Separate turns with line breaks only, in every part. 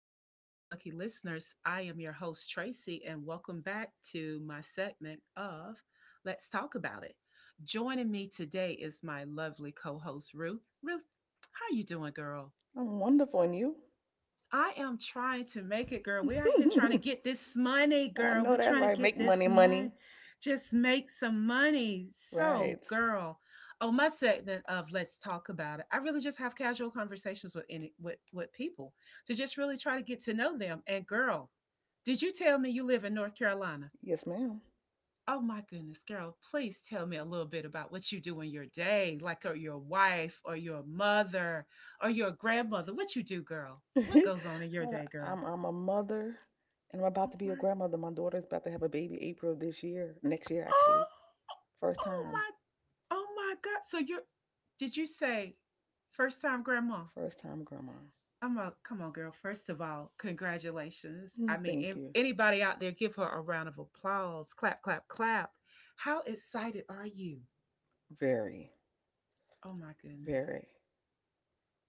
to all the lucky listeners. I am your host, Tracy, and welcome back to my segment of Let's Talk About It. Joining me today is my lovely co host, Ruth. Ruth, how you doing, girl?
I'm wonderful, and you?
I am trying to make it, girl. We are here trying to get this money,
I
girl.
know
We're
that's
trying to
right. Make
get this
money, money.
money. Just make some money. So,
Right.
girl, on my segment of let's talk about it, I really just have casual conversations with any with people to just really try to get to know them. And girl, did you tell me you live in North Carolina?
Yes, ma'am.
Oh my goodness, girl, please tell me a little bit about what you do in your day, like or your wife or your mother or your grandmother. What you do, girl? What goes on in your day, girl?
I'm a mother, and I'm about
All
to be a
right.
grandmother. My daughter's about to have a baby April of this year, next year actually.
Oh,
First
oh
time,
my, oh my God. So you're, did you say first time grandma?
first time grandma.
I'm a, come on, girl. First of all, congratulations. I mean,
Thank
if
you.
anybody out there, give her a round of applause. Clap, clap, clap. How excited are you?
Very,
Oh my goodness.
very.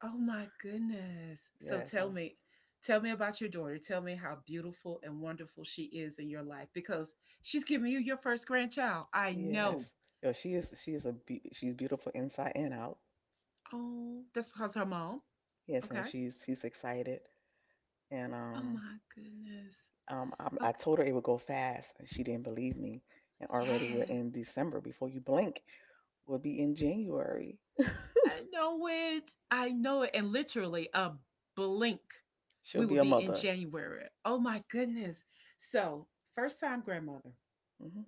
Oh my goodness. So
Yes. Uh,
tell me about your daughter. Tell me how beautiful and wonderful she is in your life because she's giving you your first grandchild. I
yes.
know.
Yo, she's beautiful inside and out.
Oh, that's because her mom.
Yes, and
Okay.
she's excited, and
Oh
um.
my goodness.
I
Okay.
told her it would go fast, and she didn't believe me. And already we're
Yeah.
in December. Before you blink, we'll be in January.
I know it. I know it. And literally a blink,
She'll
we will
be a
be in
mother.
January. Oh my goodness. So, first time grandmother.
hmm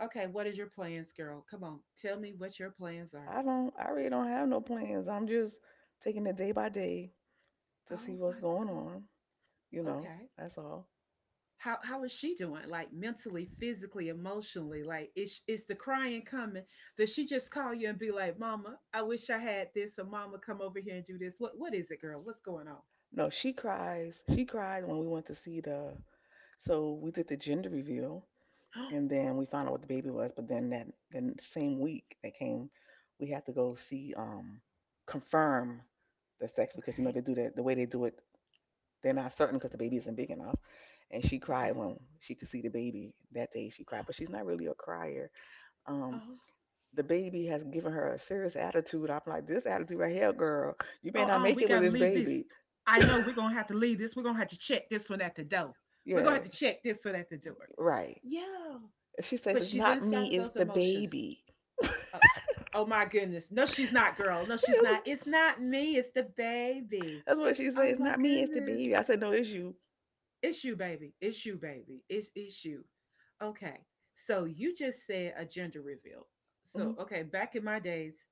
Okay. What is your plans, girl? Come on. Tell me what your plans are.
I don't. I really don't have no plans. I'm just taking it day by day to see
Oh
what's
my
going
good.
on. You know,
Okay.
that's all.
How is she doing, like, mentally, physically, emotionally? Like, is the crying coming? Does she just call you and be like, mama, I wish I had this, or mama, come over here and do this? What is it, girl? What's going on?
No, she cries. She cried when we went to see the. So we did the gender reveal, and then we found out what the baby was, but then that the same week that came, we had to go see confirm the sex because you know
Okay.
they do that the way they do it, they're not certain because the baby isn't big enough. And she cried
Okay.
when she could see the baby that day. She cried, but she's not really a crier. Um,
Uh-huh.
the baby has given her a serious attitude. I'm like, this attitude right here, girl, you may
Oh,
not
oh,
make
we
it with
gotta
this
leave this.
baby.
I know, we're gonna have to leave this. We're gonna have to check this one at the door. We're gonna
Yeah,
have to check this one at the door.
right.
Yeah,
She says
but
it's
she's
not
inside
me,
of
it's
those
the
emotions.
baby.
Oh, oh my goodness. No, she's not, girl. No, she's not. It's not me. It's the baby.
That's what she said.
Oh
It's
my
not me, it's the
goodness.
baby. I said, no, it's you.
It's you, baby. It's you, baby. It's you. Okay. So you just said a gender reveal. So
hmm
okay, back in my days,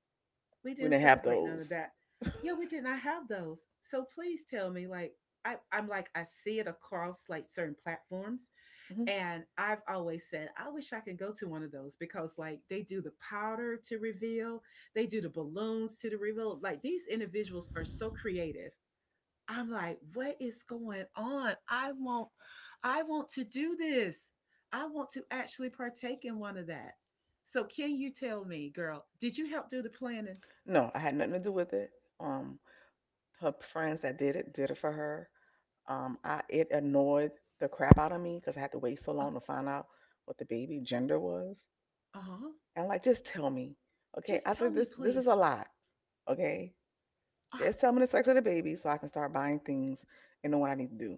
we
We
didn't
didn't have
celebrate none
those.
of that. Yeah, we did not have those. So please tell me, like, I'm like I see it across like certain platforms,
hmm
and I've always said, I wish I could go to one of those because, like, they do the powder to reveal, they do the balloons to the reveal. Like, these individuals are so creative. I'm like, what is going on? I want to do this. I want to actually partake in one of that. So, can you tell me, girl, did you help do the planning?
No, I had nothing to do with it. Um, Her friends that did it for her. I it annoyed the crap out of me because I had to wait so long
Okay.
to find out what the baby gender was.
Uh huh.
And like, just tell me, okay?
Just
I
tell
said
me,
this is a
please.
lot, okay?
Ah,
Just tell me the sex of the baby so I can start buying things and know what I need to do.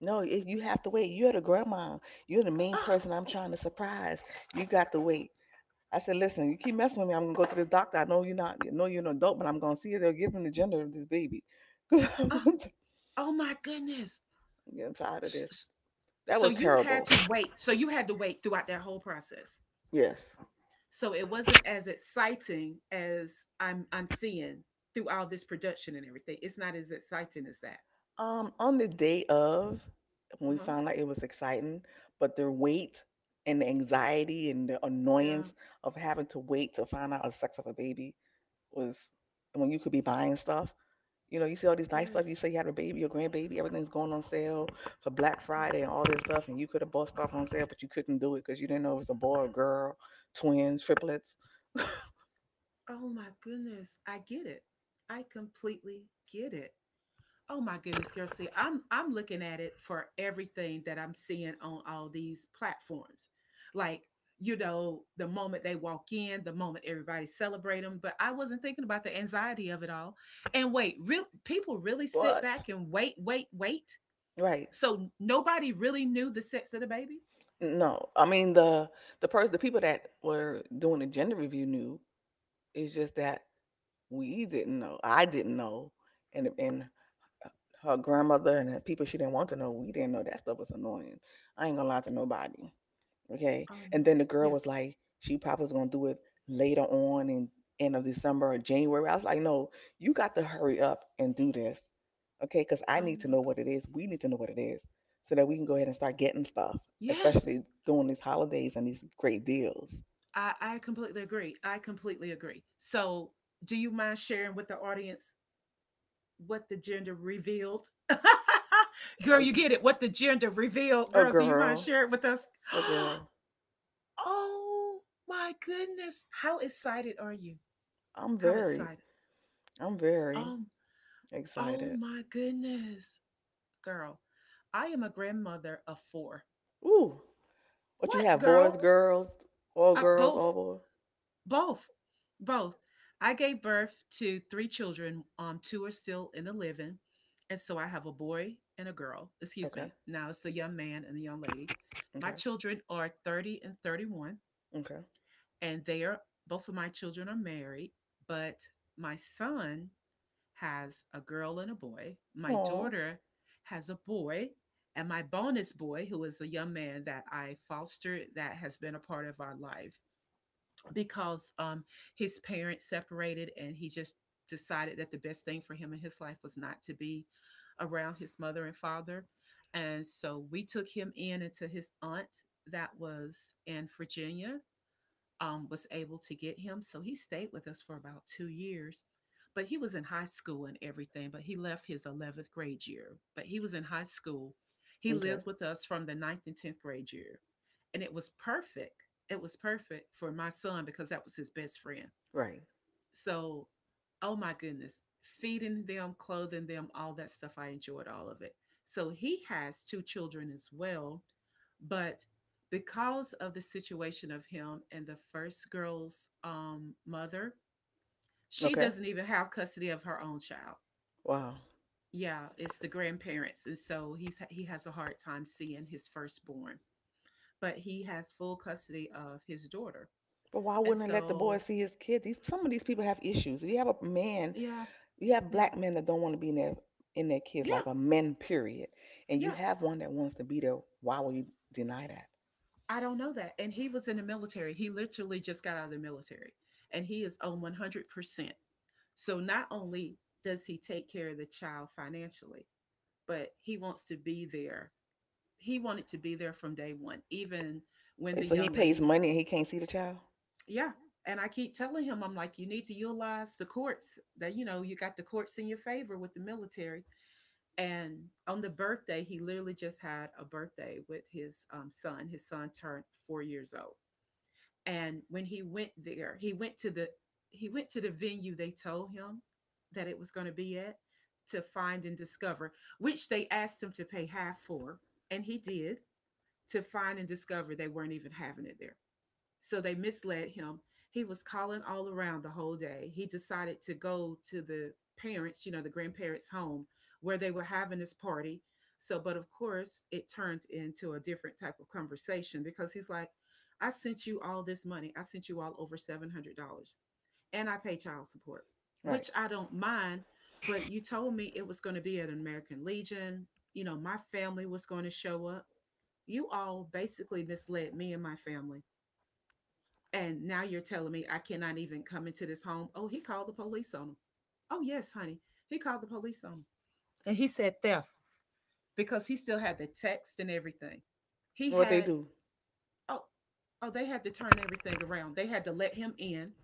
No, you have to wait. You're the grandma. You're the main
ah,
person I'm trying to surprise. You got to wait. I said, listen, you keep messing with me, I'm gonna go to the doctor. I know you're not, I know you're an adult, but I'm gonna see you. They'll give him the gender of this baby. 'Cause I'm
ah. Oh my goodness.
getting tired of this.
s-
That
so
was
you had
terrible.
to wait. So you had to wait throughout that whole process,
Yes.
so it wasn't as exciting as I'm seeing. Through all this production and everything, it's not as exciting as that.
On the day of, when we
Uh-huh.
found out it was exciting, but the wait and the anxiety and the
Yeah.
annoyance of having to wait to find out the sex of a baby was when you could be buying stuff. You know, you see all these nice stuff.
Yes.
You say you have a baby, your grandbaby, everything's going on sale for Black
Yeah.
Friday and all this stuff, and you could have bought stuff on sale, but you couldn't do it because you didn't know it was a boy or girl, twins, triplets.
Oh my goodness, I get it. I completely get it. Oh my goodness, girl. See, I'm looking at it for everything that I'm seeing on all these platforms. Like, you know, the moment they walk in, the moment everybody celebrate them. But I wasn't thinking about the anxiety of it all. And wait, real people really sit
What?
back and wait, wait, wait.
Right.
So nobody really knew the sex of the baby.
No. I mean the person the people that were doing the gender review knew. It's just that we didn't know. I didn't know. And her grandmother and the people she didn't want to know, we didn't know that stuff was annoying. I ain't gonna lie to nobody. Okay.
Oh
And
my,
then the girl was
yes.
like, she probably was gonna do it later on in end of December or January. I was like, no, you got to hurry up and do this. Okay, because I
Oh
need to
my
know
god.
what it is. We need to know what it is so that we can go ahead and start getting stuff,
Yes.
especially during these holidays and these great deals.
I completely agree. I completely agree. So, do you mind sharing with the audience what the gender revealed. Girl,
A
you get it. What the gender revealed.
a
Girl, do you mind
girl,
sharing with us?
a girl.
Oh my goodness. How excited are you?
I'm
How
very,
excited?
I'm very
Um, oh
excited.
my goodness. Girl, I am a grandmother of four.
Ooh, what you
What,
have? Boys,
girl?
girls, all
Both.
boys.
Both, both. I gave birth to three children. Two are still in the living, and so I have a boy and a girl. Excuse
Okay,
me. Now it's a young man and a young lady. My
okay,
children are 30 and 31,
okay.
and they are both of my children are married. But my son has a girl and a boy. My
Aw,
daughter has a boy, and my bonus boy, who is a young man that I fostered, that has been a part of our life because his parents separated and he just decided that the best thing for him in his life was not to be around his mother and father. And so we took him in into his aunt that was in Virginia was able to get him. So he stayed with us for about 2 years. But he was in high school and everything, but he left his 11th grade year. But he was in high school. He
okay,
lived with us from the ninth and 10th grade year. And it was perfect. It was perfect for my son because that was his best friend.
right.
So, oh my goodness, feeding them, clothing them, all that stuff. I enjoyed all of it. So he has two children as well, but because of the situation of him and the first girl's mother, she
Okay.
doesn't even have custody of her own child.
Wow.
Yeah, it's the grandparents, and so he has a hard time seeing his firstborn, but he has full custody of his daughter,
But why
and
wouldn't I let the boy
so
see his kids? These some of these people have issues. We have a man,
yeah,
we have
yeah,
black men that don't want to be in their kids'
yeah,
life, a men period. And you
yeah.
have one that wants to be there. Why will you deny that?
I don't know that. And he was in the military. He literally just got out of the military and he is on 100%. So not only does he take care of the child financially, but he wants to be there. He wanted to be there from day one, even when
Wait,
the
so he
young
pays
lady,
money and he can't see the child?
yeah. And I keep telling him, I'm like, you need to utilize the courts that, you know, you got the courts in your favor with the military. And on the birthday, he literally just had a birthday with his son. His son turned 4 years old. And when he went there, he went to the he went to the venue they told him that it was going to be at to find and discover, which they asked him to pay half for, and he did to find and discover they weren't even having it there. So they misled him. He was calling all around the whole day. He decided to go to the parents, you know, the grandparents' home where they were having this party. So, but of course, it turned into a different type of conversation because he's like, I sent you all this money. I sent you all over $700 and I pay child support,
Right.
which I don't mind. But you told me it was going to be at an American Legion. You know, my family was going to show up. You all basically misled me and my family. And now you're telling me I cannot even come into this home. Oh, he called the police on him. Oh, yes, honey. He called the police on him. And he said theft because he still had the text and everything. He
And what they
had,
do?
oh, oh, they had to turn everything around. They had to let him in.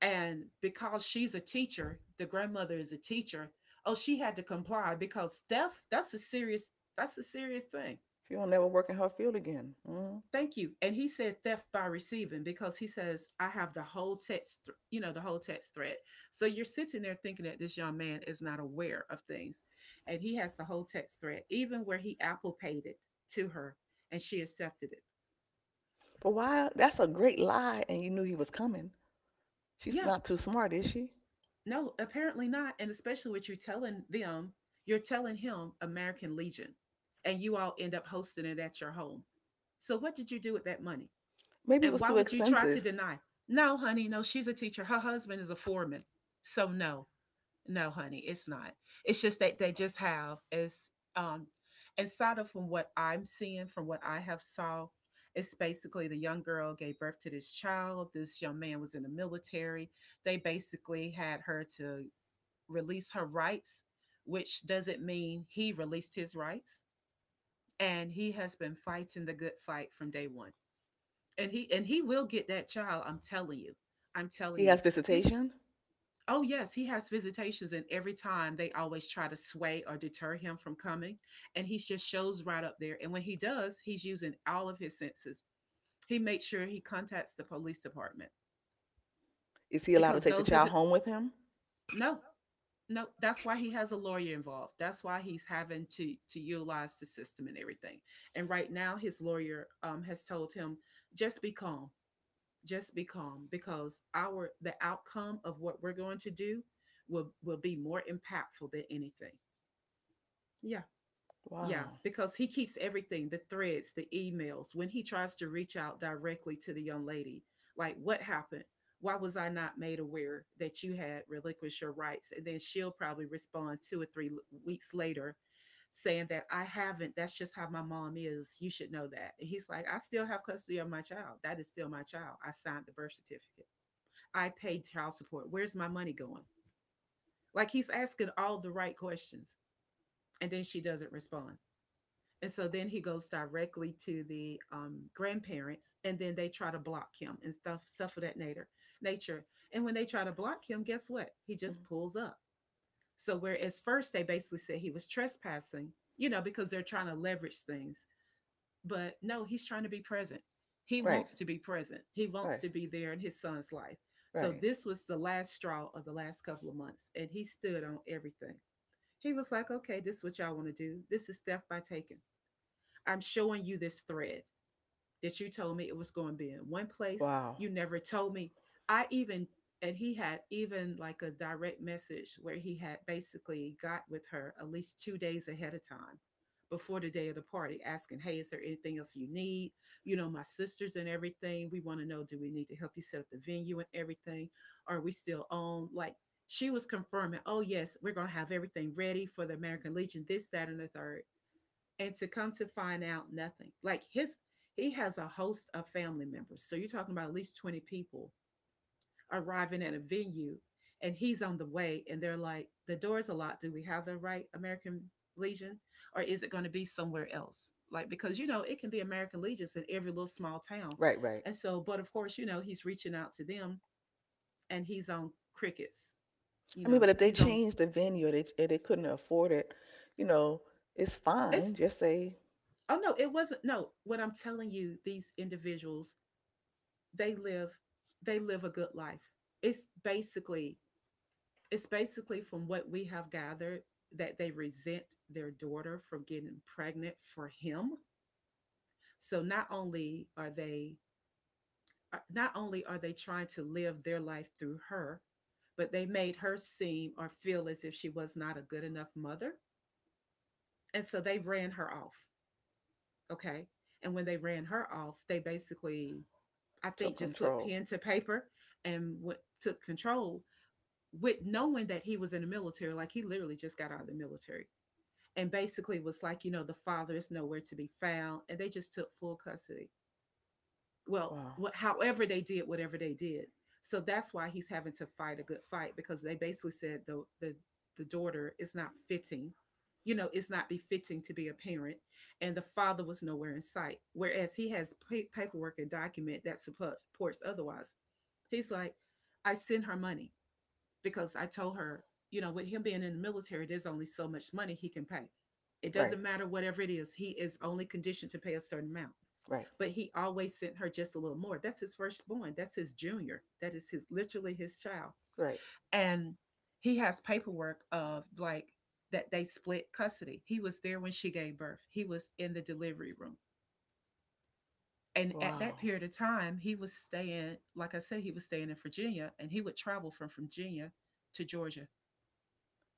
And because she's a teacher, the grandmother is a teacher. Oh, she had to comply because theft, that's a serious thing.
She will never work in her field again. Mm.
Thank you. And he said theft by receiving because he says I have the whole text you know, the whole text thread. So you're sitting there thinking that this young man is not aware of things, and he has the whole text thread, even where he apple paid it to her and she accepted it.
But why? That's a great lie, and you knew he was coming. She's
Yeah,
not too smart, is she?
no, apparently not. And especially what you're telling them, you're telling him American Legion, and you all end up hosting it at your home. So what did you do with that money?
Maybe it
And
was
why
too
would you try
expensive.
to deny? No, honey, no, she's a teacher. Her husband is a foreman. So no, no, honey, it's not. It's just that they just have is inside of, from what I'm seeing, from what I have saw, it's basically the young girl gave birth to this child. This young man was in the military. They basically had her to release her rights, which doesn't mean he released his rights. And he has been fighting the good fight from day one, and he will get that child. I'm telling you, I'm telling
He
you.
has
His
visitation.
Oh yes, he has visitations, and every time they always try to sway or deter him from coming, and he just shows right up there. And when he does, he's using all of his senses. He makes sure he contacts the police department
Is he allowed to
because
take the
those are
child
the
home with him?
no no. That's why he has a lawyer involved. That's why he's having to utilize the system and everything. And right now his lawyer has told him, just be calm, just be calm because our the outcome of what we're going to do will be more impactful than anything. Yeah. Yeah,
Wow.
because he keeps everything, the threads, the emails. When he tries to reach out directly to the young lady, like, what happened? Why was I not made aware that you had relinquished your rights? And then she'll probably respond 2 or 3 weeks later saying that I haven't, that's just how my mom is, you should know that. And he's like, I still have custody of my child. That is still my child. I signed the birth certificate. I paid child support. Where's my money going? Like, he's asking all the right questions. And then she doesn't respond. And so then he goes directly to the grandparents, and then they try to block him and stuff of that nature. And when they try to block him, guess what? He
Mhm.
just pulls up. So whereas first they basically said he was trespassing, you know, because they're trying to leverage things. But no, he's trying to be present. He
Right.
wants to be present. He wants
Right,
to be there in his son's life. So
right.
this was the last straw of the last couple of months, and he stood on everything. He was like, okay, this is what y'all want to do. This is theft by taking. I'm showing you this thread that you told me it was going to be in one place.
Wow.
You never told me. I even, and he had even like a direct message where he had basically got with her at least 2 days ahead of time before the day of the party, asking, hey, is there anything else you need? You know, my sisters and everything, we want to know, do we need to help you set up the venue and everything? Are we still on? Like, she was confirming, oh yes, we're going to have everything ready for the American Legion, this, that, and the third. And to come to find out, nothing. Like his He has a host of family members, so you're talking about at least 20 people arriving at a venue, and he's on the way. And they're like, the door's a locked, do we have the right American Legion, or is it going to be somewhere else? Like, because, you know, it can be American Legions in every little small town.
Right, right.
And so, but of course, you know, he's reaching out to them and he's on crickets. You
I mean,
know,
but if they
he's on
change the venue they, and they couldn't afford it, you know, it's fine.
it's
Just say
oh no, it wasn't, no. What I'm telling you, these individuals, they live they live a good life. It's basically it's basically, from what we have gathered, that they resent their daughter from getting pregnant for him. So not only are they not only are they trying to live their life through her, but they made her seem or feel as if she was not a good enough mother. And so they ran her off. Okay. And when they ran her off, they basically, I
took
think, just put
control.
pen to paper and went, took control, with knowing that he was in the military. Like, he literally just got out of the military, and basically was like, you know, the father is nowhere to be found. And they just took full custody. Well,
Wow.
wh- however they did, whatever they did. So that's why he's having to fight a good fight, because they basically said the daughter is not fitting, you know, it's not befitting to be a parent. And the father was nowhere in sight. Whereas he has pa- paperwork and document that supports otherwise. He's like, I send her money because I told her, you know, with him being in the military, there's only so much money he can pay. It
Right,
doesn't matter whatever it is, he is only conditioned to pay a certain amount.
right,
But he always sent her just a little more. That's his firstborn. That's his junior. That is his, literally, his child.
right.
And he has paperwork of like that they split custody. He was there when she gave birth. He was in the delivery room. And at that
Wow.
period of time, he was staying, like I said, he was staying in Virginia, and he would travel from Virginia to Georgia.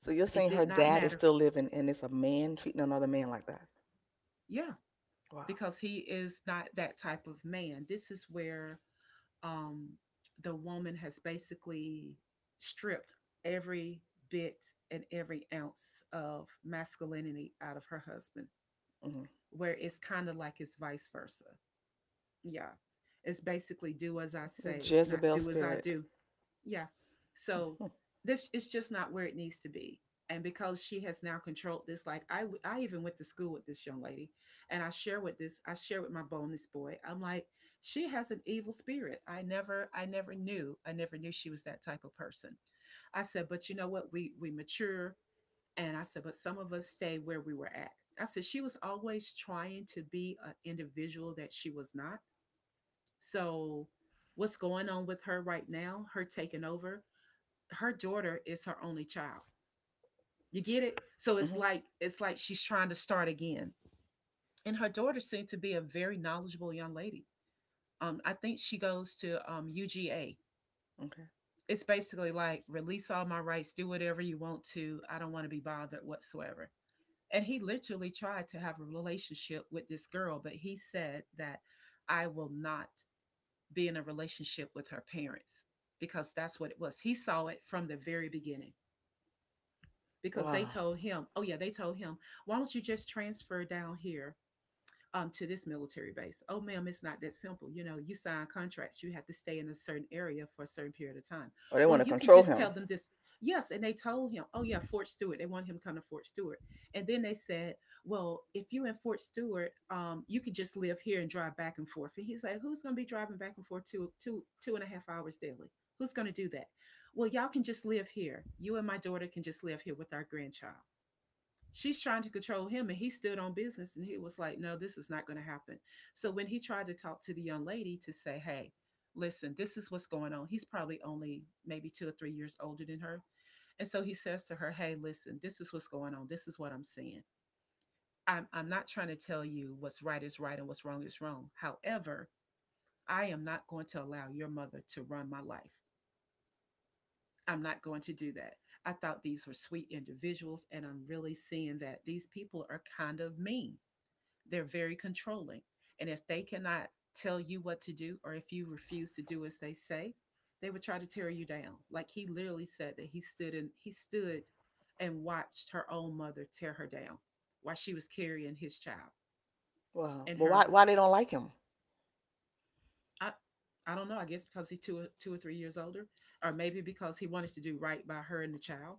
So you're
It
saying
did
her
not
dad is
matter.
still living and it's a man treating another man like that?
Yeah,
Wow.
because he is not that type of man. This is where um, the woman has basically stripped every bit and every ounce of masculinity out of her husband,
hmm
where it's kind of like it's vice versa. Yeah. It's basically do as I
The
say, not
Jezebel
do as I
spirit.
do. Yeah. So
Hmm.
this is just not where it needs to be. And because she has now controlled this, like I even went to school with this young lady, and I share with my bonus boy. I'm like, she has an evil spirit. I never knew she was that type of person. I said, but you know what? We mature, and I said, but some of us stay where we were at. I said she was always trying to be an individual that she was not. So, what's going on with her right now? Her taking over, her daughter is her only child. You get it? So it's
Mm-hmm.
like, it's like she's trying to start again. And her daughter seemed to be a very knowledgeable young lady. I think she goes to UGA.
Okay.
It's basically like, release all my rights, do whatever you want to. I don't want to be bothered whatsoever. And he literally tried to have a relationship with this girl, but he said that I will not be in a relationship with her parents, because that's what it was. He saw it from the very beginning. Because they
Wow.
told him, oh yeah, they told him, why don't you just transfer down here, to this military base? Oh, ma'am, it's not that simple. You know, you sign contracts, you have to stay in a certain area for a certain period of time.
Or they want
Well,
to
you can
control
just
him.
tell them this. Yes. And they told him, oh yeah, Fort Stewart. They want him to come to Fort Stewart. And then they said, well, if you're in Fort Stewart, you could just live here and drive back and forth. And he's like, who's going to be driving back and forth two and a half hours daily? Who's going to do that? Well, y'all can just live here. You and my daughter can just live here with our grandchild. She's trying to control him, and he stood on business, and he was like, no, this is not going to happen. So when he tried to talk to the young lady to say, hey, listen, this is what's going on. He's probably only maybe 2 or 3 years older than her. And so he says to her, hey, listen, this is what's going on, this is what I'm seeing. I'm not trying to tell you what's right is right and what's wrong is wrong, however, I am not going to allow your mother to run my life. I'm not going to do that. I thought these were sweet individuals, and I'm really seeing that these people are kind of mean. They're very controlling. And if they cannot tell you what to do, or if you refuse to do as they say, they would try to tear you down. Like, he literally said that he stood and watched her own mother tear her down while she was carrying his child.
Wow.
And
Well,
her,
why they don't like him?
I, I don't know. I guess because he's 2 or 3 years older, or maybe because he wanted to do right by her and the child.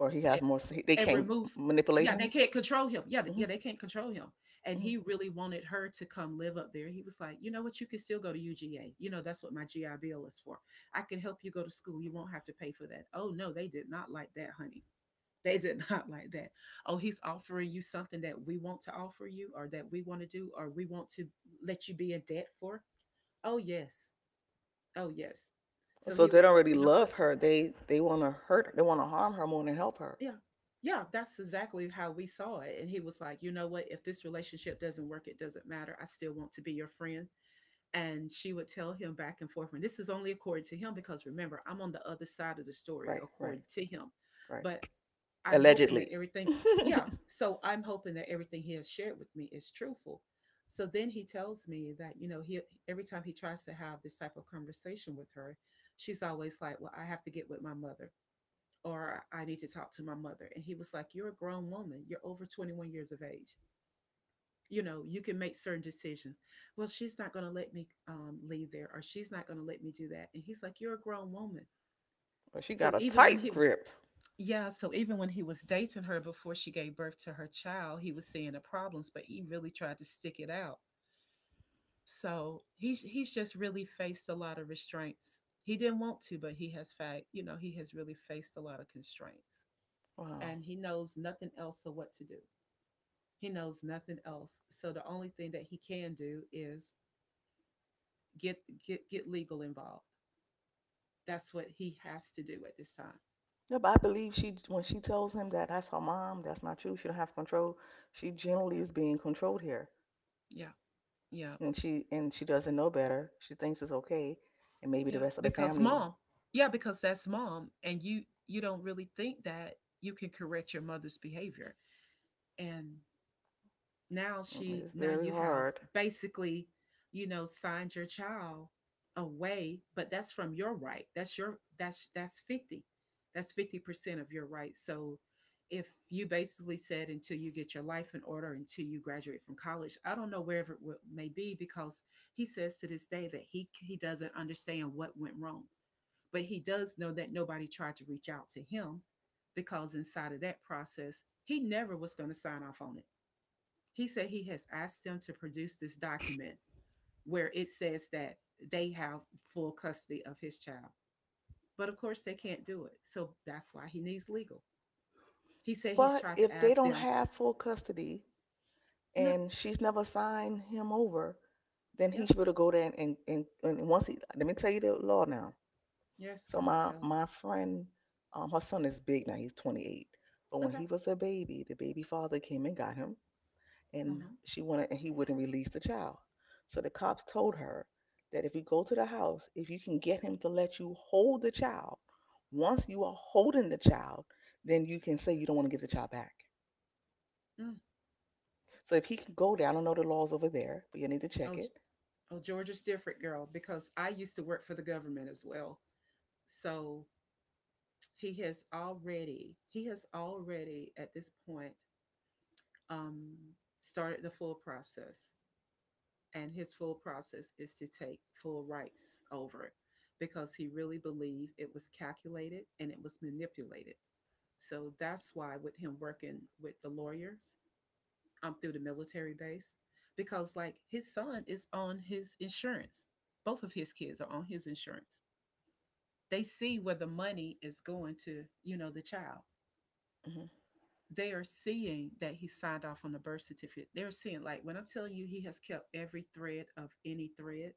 Or he has
And
more, they
and
can't
remove,
manipulate
yeah, they
him?
can't control him. Yeah,
Mm-hmm.
yeah, they can't control him. And
hmm
he really wanted her to come live up there. He was like, you know what? You can still go to UGA. You know, that's what my GI Bill is for. I can help you go to school, you won't have to pay for that. Oh no, they did not like that, honey. They did not like that. Oh, he's offering you something that we want to offer you, or that we want to do, or we want to let you be in debt for. Oh yes, oh yes. So
So
he
they
was
don't
like,
really
you know what?
love her. They want to hurt her. They want to harm her more than help her.
Yeah. Yeah, that's exactly how we saw it. And he was like, "You know what? If this relationship doesn't work, it doesn't matter. I still want to be your friend." And she would tell him back and forth, and this is only according to him because remember, I'm on the other side of the story
Right, right,
according to him.
right.
But I'm hoping that
Allegedly.
everything. Yeah, so I'm hoping that everything he has shared with me is truthful. So then he tells me that, you know, he every time he tries to have this type of conversation with her, she's always like, "Well, I have to get with my mother." Or I need to talk to my mother. And he was like, you're a grown woman. You're over 21 years of age. You know, you can make certain decisions. Well, she's not going to let me leave there, or she's not going to let me do that. And he's like, you're a grown woman.
But she
So
got a
even when
tight
he was,
grip.
yeah, so even when he was dating her before she gave birth to her child, he was seeing the problems, but he really tried to stick it out. So he's just really faced a lot of restraints. He didn't want to, but he has fact, you know, he has really faced a lot of constraints.
Wow.
And he knows nothing else of what to do. He knows nothing else. So the only thing that he can do is get get legal involved. That's what he has to do at this time.
Yeah, but I believe she when she tells him that that's her mom, that's not you. She don't have control. She generally is being controlled here,
Yeah, yeah,
and she doesn't know better. She thinks it's okay, and maybe the
yeah.
rest of the
Because
family.
mom, yeah, because that's mom, and you don't really think that you can correct your mother's behavior. And now
Mm,
she
it's
now
very
you have
hard.
basically, you know, signed your child away, but that's from your right, that's your, that's 50, that's 50% of your right. So if you basically said until you get your life in order, until you graduate from college, I don't know, wherever may be, because he says to this day that he doesn't understand what went wrong, but he does know that nobody tried to reach out to him because inside of that process he never was going to sign off on it. He said he has asked them to produce this document where it says that they have full custody of his child. But of course, they can't do it. So that's why he needs legal. He said he's
But
tried to
if they
ask
don't
them,
have full custody
no,
and she's never signed him over, then he
yep,
should able to go there and once he let me tell you the law now.
yes,
So
girl,
my
tell me.
my friend, her son is big now. He's 28. But when
Okay.
he was a baby, the baby father came and got him,
Uh
and
huh.
she wanted and he wouldn't release the child. So the cops told her that if you go to the house, if you can get him to let you hold the child, once you are holding the child, then you can say you don't want to give the child back.
Mm.
So if he can go there, I don't know the laws over there, but you need to
Oh,
check it.
oh, Georgia's different, girl, because I used to work for the government as well. So he has already at this point um, started the full process. And his full process is to take full rights over it because he really believed it was calculated and it was manipulated. So that's why with him working with the lawyers through the military base, because like his son is on his insurance. Both of his kids are on his insurance. They see where the money is going to, you know, the child.
hmm
They are seeing that he signed off on the birth certificate. They're seeing, like, when I'm telling you he has kept every thread of any thread.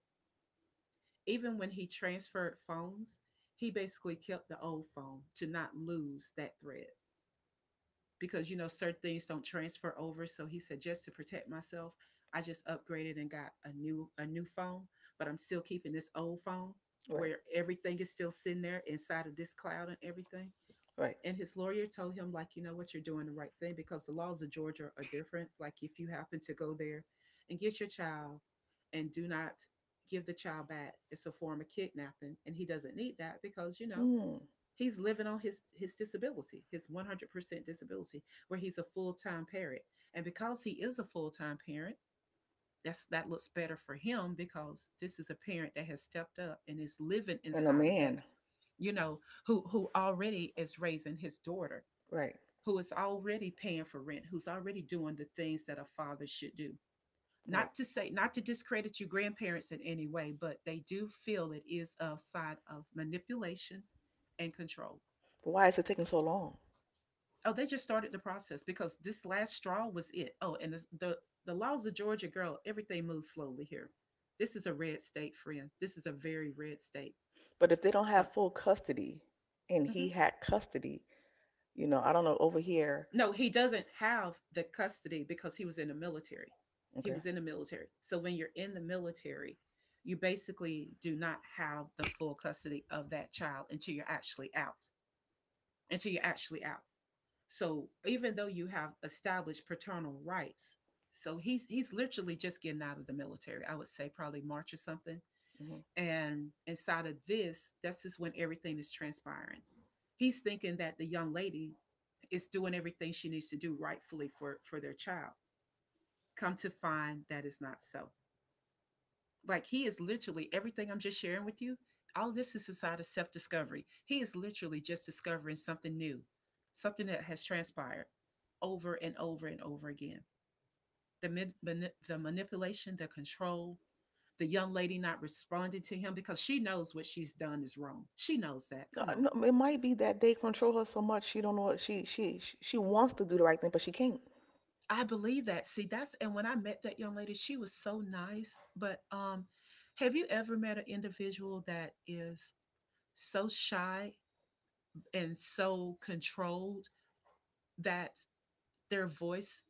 Even when he transferred phones, he basically kept the old phone to not lose that thread because you know certain things don't transfer over. So he said just to protect myself, I just upgraded and got a new phone, but I'm still keeping this old phone
Right,
where everything is still sitting there inside of this cloud and everything.
right.
And his lawyer told him, like, you know what, you're doing the right thing because the laws of Georgia are different. Like, if you happen to go there and get your child and do not give the child back, it's a form of kidnapping. And he doesn't need that because, you know,
Mm.
he's living on his disability, his 100% disability, where he's a full time parent. And because he is a full time parent, that looks better for him because this is a parent that has stepped up and is living
And a
inside of that,
man.
you know, who already is raising his daughter,
Right,
who is already paying for rent, who's already doing the things that a father should do.
right.
Not to say, not to discredit your grandparents in any way, but they do feel it is a side of manipulation and control.
But why is it taking so long?
Oh, they just started the process because this last straw was it. Oh, and this, the laws of Georgia, girl, everything moves slowly here. This is a red state, friend. This is a very red state.
But if they don't
So,
have full custody and he
mhm.
had custody, you know, I don't know, over here.
No, he doesn't have the custody because he was in the military. He
Okay.
was in the military. So when you're in the military, you basically do not have the full custody of that child until you're actually out. Until you're actually out. So even though you have established paternal rights, so he's literally just getting out of the military. I would say probably March or something.
hmm
And inside of this, that's just when everything is transpiring. He's thinking that the young lady is doing everything she needs to do rightfully for their child. Come to find that is not so. Like he is literally everything I'm just sharing with you. All this is inside of self discovery. He is literally just discovering something new, something that has transpired over and over and over again. The the manipulation, the control, the young lady not responding to him because she knows what she's done is wrong. She knows that.
No,
Come
I-
on.
no, it might be that they control her so much she don't know what she wants to do the right thing, but she can't.
I believe that. See, that's, and when I met that young lady, she was so nice. But have you ever met an individual that is so shy and so controlled that their voice,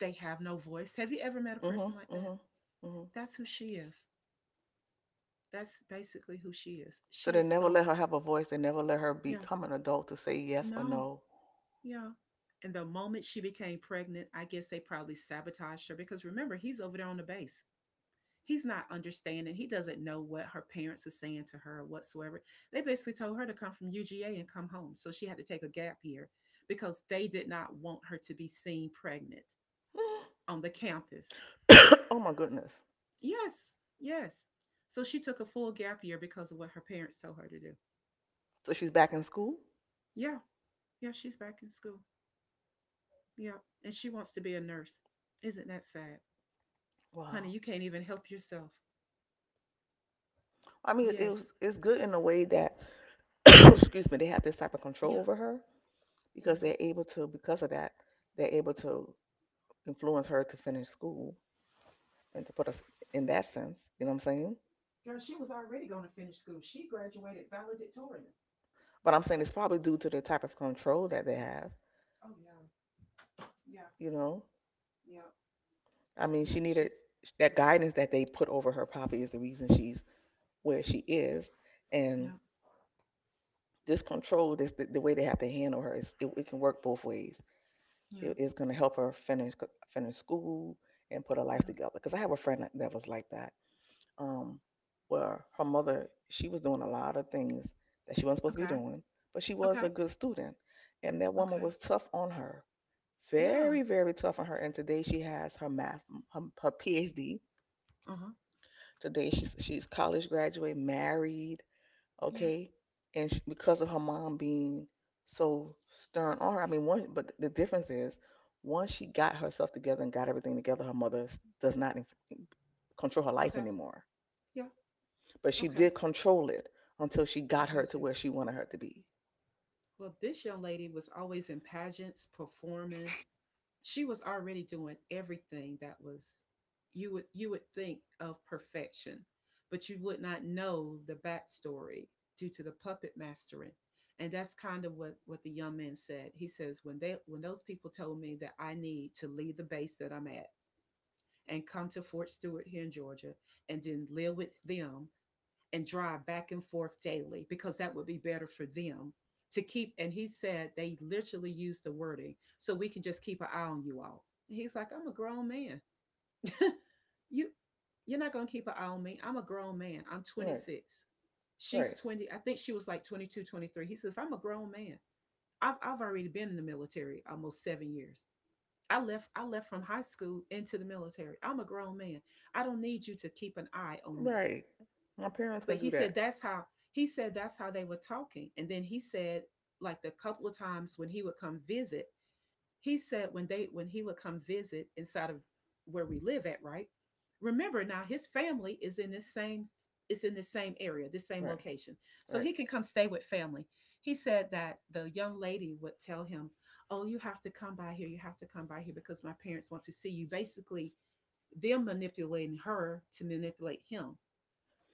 they have no voice? Have you ever met a person
Mhm,
like that?
mhm, mhm.
That's who she is. That's basically who she is. She
So they
is
never
so
let her have a voice. They never let her
yeah,
become an adult to say yes or
no,
no.
yeah. And the moment she became pregnant, I guess they probably sabotaged her because remember, he's over there on the base. He's not understanding. He doesn't know what her parents are saying to her or whatsoever. They basically told her to come from UGA and come home. So she had to take a gap year because they did not want her to be seen pregnant on the campus.
Oh my goodness.
Yes, yes. So she took a full gap year because of what her parents told her to do.
So she's back in school.
Yeah, yeah, she's back in school. Yeah, and she wants to be a nurse. Isn't that sad? Honey,
Wow.
you can't even help yourself.
I mean, it was
Yes.
it's good in a way that, excuse me, they have this type of
Yeah.
control over her because
Well,
they're able to, because of that, they're able to influence her to finish school and to put us in that sense. You know what I'm saying?
girl, she was already going to finish school. She graduated valedictorian.
But I'm saying
Like,
it's probably due to the type of control that they have.
oh yeah, yeah,
You know,
yeah,
I mean,
yeah.
she needed
She,
that guidance that they put over her. Probably is the reason she's where she is, and
yeah,
this control, this the way they have to handle her, is it, it can work both ways.
yeah,
It, it's going to help her finish school and put her life
yeah.
together. Because I have a friend that that was like that, um, where her mother she was doing a lot of things that she wasn't supposed to be
Okay,
doing, but she was
okay,
a good student, and that woman
okay.
was tough on her,
Yeah.
very very tough on her. And today she has her, her PhD.
Uh huh.
Today she's college graduate, married,
Yeah.
okay, and sh because of her mom being so stern on her, I mean, one, but the difference is once she got herself together and got everything together, her does not inf- control her life
Okay.
anymore.
Yeah.
But she
Okay.
did control it until she
I
got her
got
to
you.
where she wanted her to be.
Well, this young lady was always in pageants, performing, she was already doing everything that was, you would think of perfection, but you would not know the backstory due to the puppet mastering. And that's kind of what the young man said. He says, when they when those people told me that I need to leave the base that I'm at and come to Fort Stewart here in Georgia and then live with them and drive back and forth daily because that would be better for them to keep. And he said they literally used the wording, so we can just keep an eye on you all. And he's like, I'm a grown man. you, you're not gonna keep an eye on me. I'm a grown man. I'm
Right,
26.
right,
She's 20. I think she was like 22, 23. He says, I'm a grown man. I've already been in the military almost 7 years. I left from high school into the military. I'm a grown man. I don't need you to keep an eye on me.
right. My parents
But
can
he
do that.
said that's how, he said that's how they were talking. And then he said like the couple of times when he would come visit, he said when they when he would come visit inside of where we live at, right? Remember now his family is in this same, it's in the same area, this same
Right,
location. So
right.
he can come stay with family. He said that the young lady would tell him, "Oh, you have to come by here. You have to come by here because my parents want to see you." Basically, them manipulating her to manipulate him,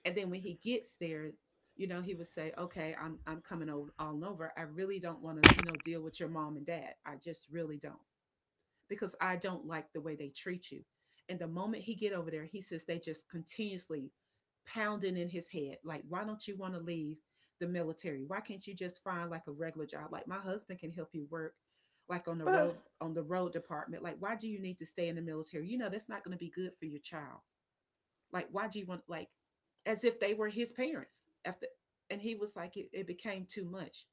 and then when he gets there, you know, he would say, "Okay, I'm coming all over. I really don't want to, you know, deal with your mom and dad. I just really don't because I don't like the way they treat you." And the moment he get over there, he says they just continuously pounding in his head, like, "Why don't you want to leave the military? Why can't you just find like a regular job? "Like my husband can help you work," like on the
But
road, on the road department. Like, why do you need to stay in the military? You know, that's not going to be good for your child. Like, why do you want, like, as if they were his parents after? And he was like, it became too much.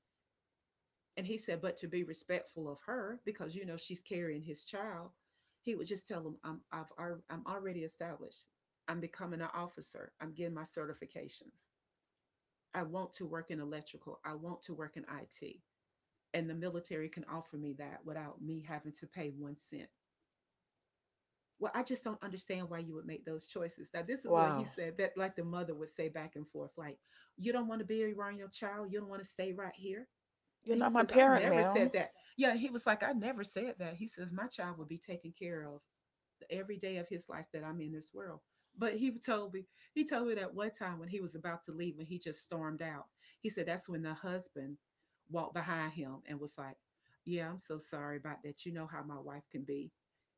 And he said, but to be respectful of her because, you know, she's carrying his child, he would just tell him, "I'm I'm already established. I'm becoming an officer. I'm getting my certifications. I want to work in electrical. I want to work in it. And the military can offer me that without me having to pay 1 cent." "Well, I just don't understand why you would make those choices." Now this is what he
wow,
said, that like the mother would say back and forth, like, "You don't want to be around your child. You don't want to stay right here."
you're
And he
not my
says, "I
parent,
never said
ma'am.
that." Yeah, he was like, "I never said that." He says, "My child will be taken care of every day of his life that I'm in this world." But he told me, he told me that one time when he was about to leave, when he just stormed out, he said that's when the husband walked behind him and was like, "Yeah, I'm so sorry about that. You know how my wife can be."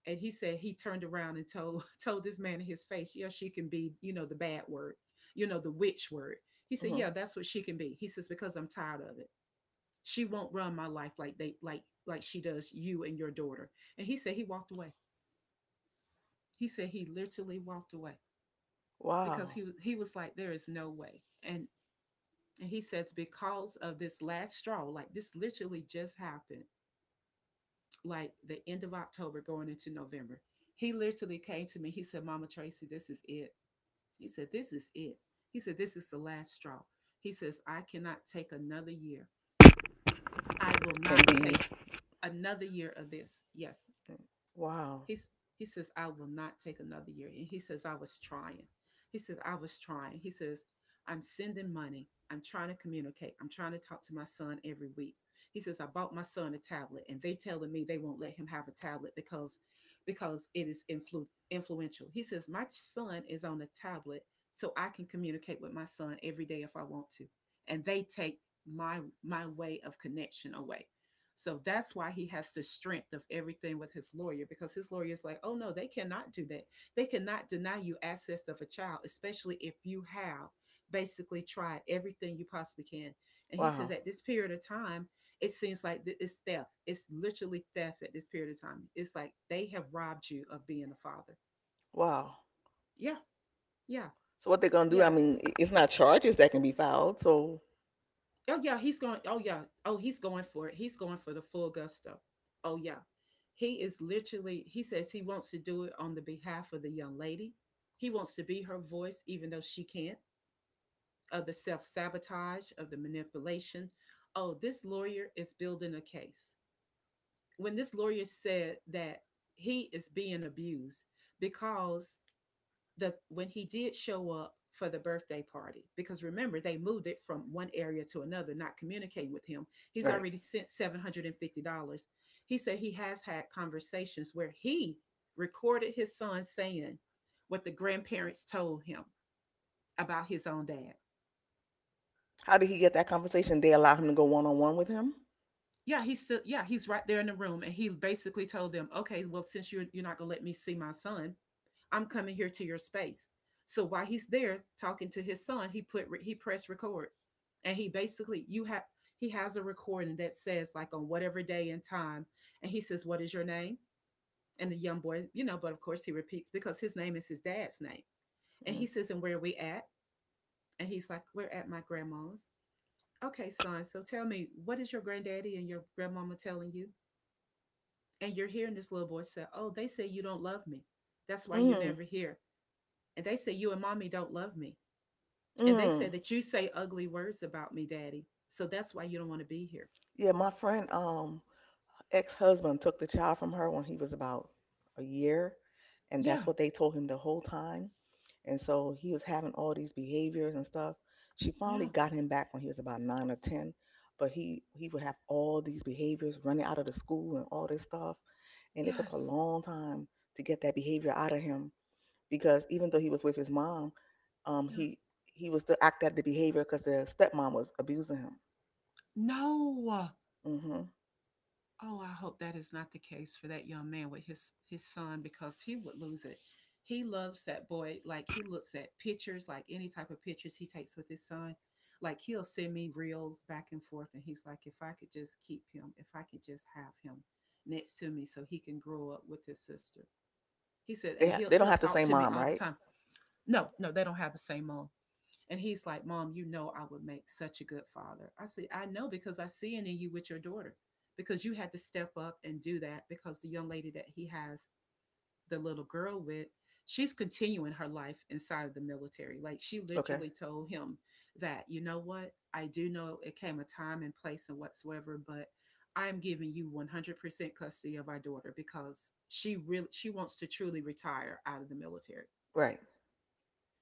And he said he turned around and told told this man in his face, "Yeah, she can be, you know, the bad word, you know, the witch word." He said,
hmm
"Yeah, that's what she can be." He says, "Because I'm tired of it. She won't run my life like they like she does you and your daughter." And he said he walked away. He said he literally walked away because
wow.
he was like, there is no way. And he says because of this last straw, like this literally just happened, like the end of October going into November. He literally came to me. He said, "Mama Tracy, this is it." He said, "This is it." He said, "This is the last straw." He says, "I cannot take another year. I will
Can
not
be.
take another year of this. Yes."
Wow.
He's, he says, "I will not take another year." And he says, "I was trying." He says, "I was trying." He says, "I'm sending money. I'm trying to communicate. I'm trying to talk to my son every week." He says, "I bought my son a tablet and they telling me they won't let him have a tablet because it is influential." He says, "My son is on a tablet so I can communicate with my son every day if I want to. And they take my way of connection away." So that's why he has the strength of everything with his lawyer, because his lawyer is like, "Oh no, they cannot do that. They cannot deny you access of a child, especially if you have basically tried everything you possibly can." And he says,
Wow.
at this period of time, it seems like it's theft. It's literally theft at this period of time. It's like they have robbed you of being a father.
Wow.
Yeah, yeah,
So what they're gonna do? I
yeah.
mean, it's not charges that can be filed. So
Oh yeah, he's going. Oh yeah. Oh, he's going for it. He's going for the full gusto. Oh yeah. He is literally. He says he wants to do it on the behalf of the young lady. He wants to be her voice, even though she can't. Of the self sabotage, of the manipulation. Oh, this lawyer is building a case. When this lawyer said that he is being abused because the when he did show up for the birthday party, because remember they moved it from one area to another, not communicating with him, he's
right,
already sent $750. He said he has had conversations where he recorded his son saying what the grandparents told him about his own dad.
how did he get that conversation? They allow him to go one on one with him.
Yeah, he's still, yeah, he's right there in the room, and he basically told them, "Okay, well, since you're not gonna let me see my son, I'm coming here to your space." So while he's there talking to his son, he put he pressed record, and he basically you have he has a recording that says like on whatever day and time, and he says, "What is your name?" And the young boy, you know, but of course he repeats because his name is his dad's name, and
Mm.
he says, "And where are we at?" And he's like, "We're at my grandma's." "Okay, son. So tell me, what is your granddaddy and your grandmama telling you?" And you're hearing this little boy say, "Oh, they say you don't love me. That's why you're
Mm.
never here." And they say, "You and mommy don't love me." And they say
Mm.
that, "You say ugly words about me, daddy. So that's why you don't want to be here."
Yeah, my friend, ex husband took the child from her when he was about a year, and that's
Yeah.
what they told him the whole time. And so he was having all these behaviors and stuff. She finally
Yeah.
got him back when he was about nine or ten, but he would have all these behaviors, running out of the school and all this stuff. And it took a
Yes.
long time to get that behavior out of him because even though he was with his mom, um,
Yeah.
he was to act out the behavior because the stepmom was abusing him.
No.
hmm
Oh, I hope that is not the case for that young man with his son because he would lose it. He loves that boy. Like he looks at pictures, like any type of pictures he takes with his son. Like he'll send me reels back and forth, and he's like, "If I could just keep him, if I could just have him next to me, so he can grow up with his sister." He said, and he'll
They don't
he'll
have the
talk
same
to me
mom,
all the
right?
time. No, no, they don't have the same mom. And he's like, "Mom, you know I would make such a good father." I said, "I know, because I see it in you with your daughter," because you had to step up and do that, because the young lady that he has the little girl with, she's continuing her life inside of the military. Like she
Okay,
literally told him that, "You know what? I do know it came a time and place and whatsoever, but I'm giving you 100% custody of our daughter," because she really she wants to truly retire out of the military.
right.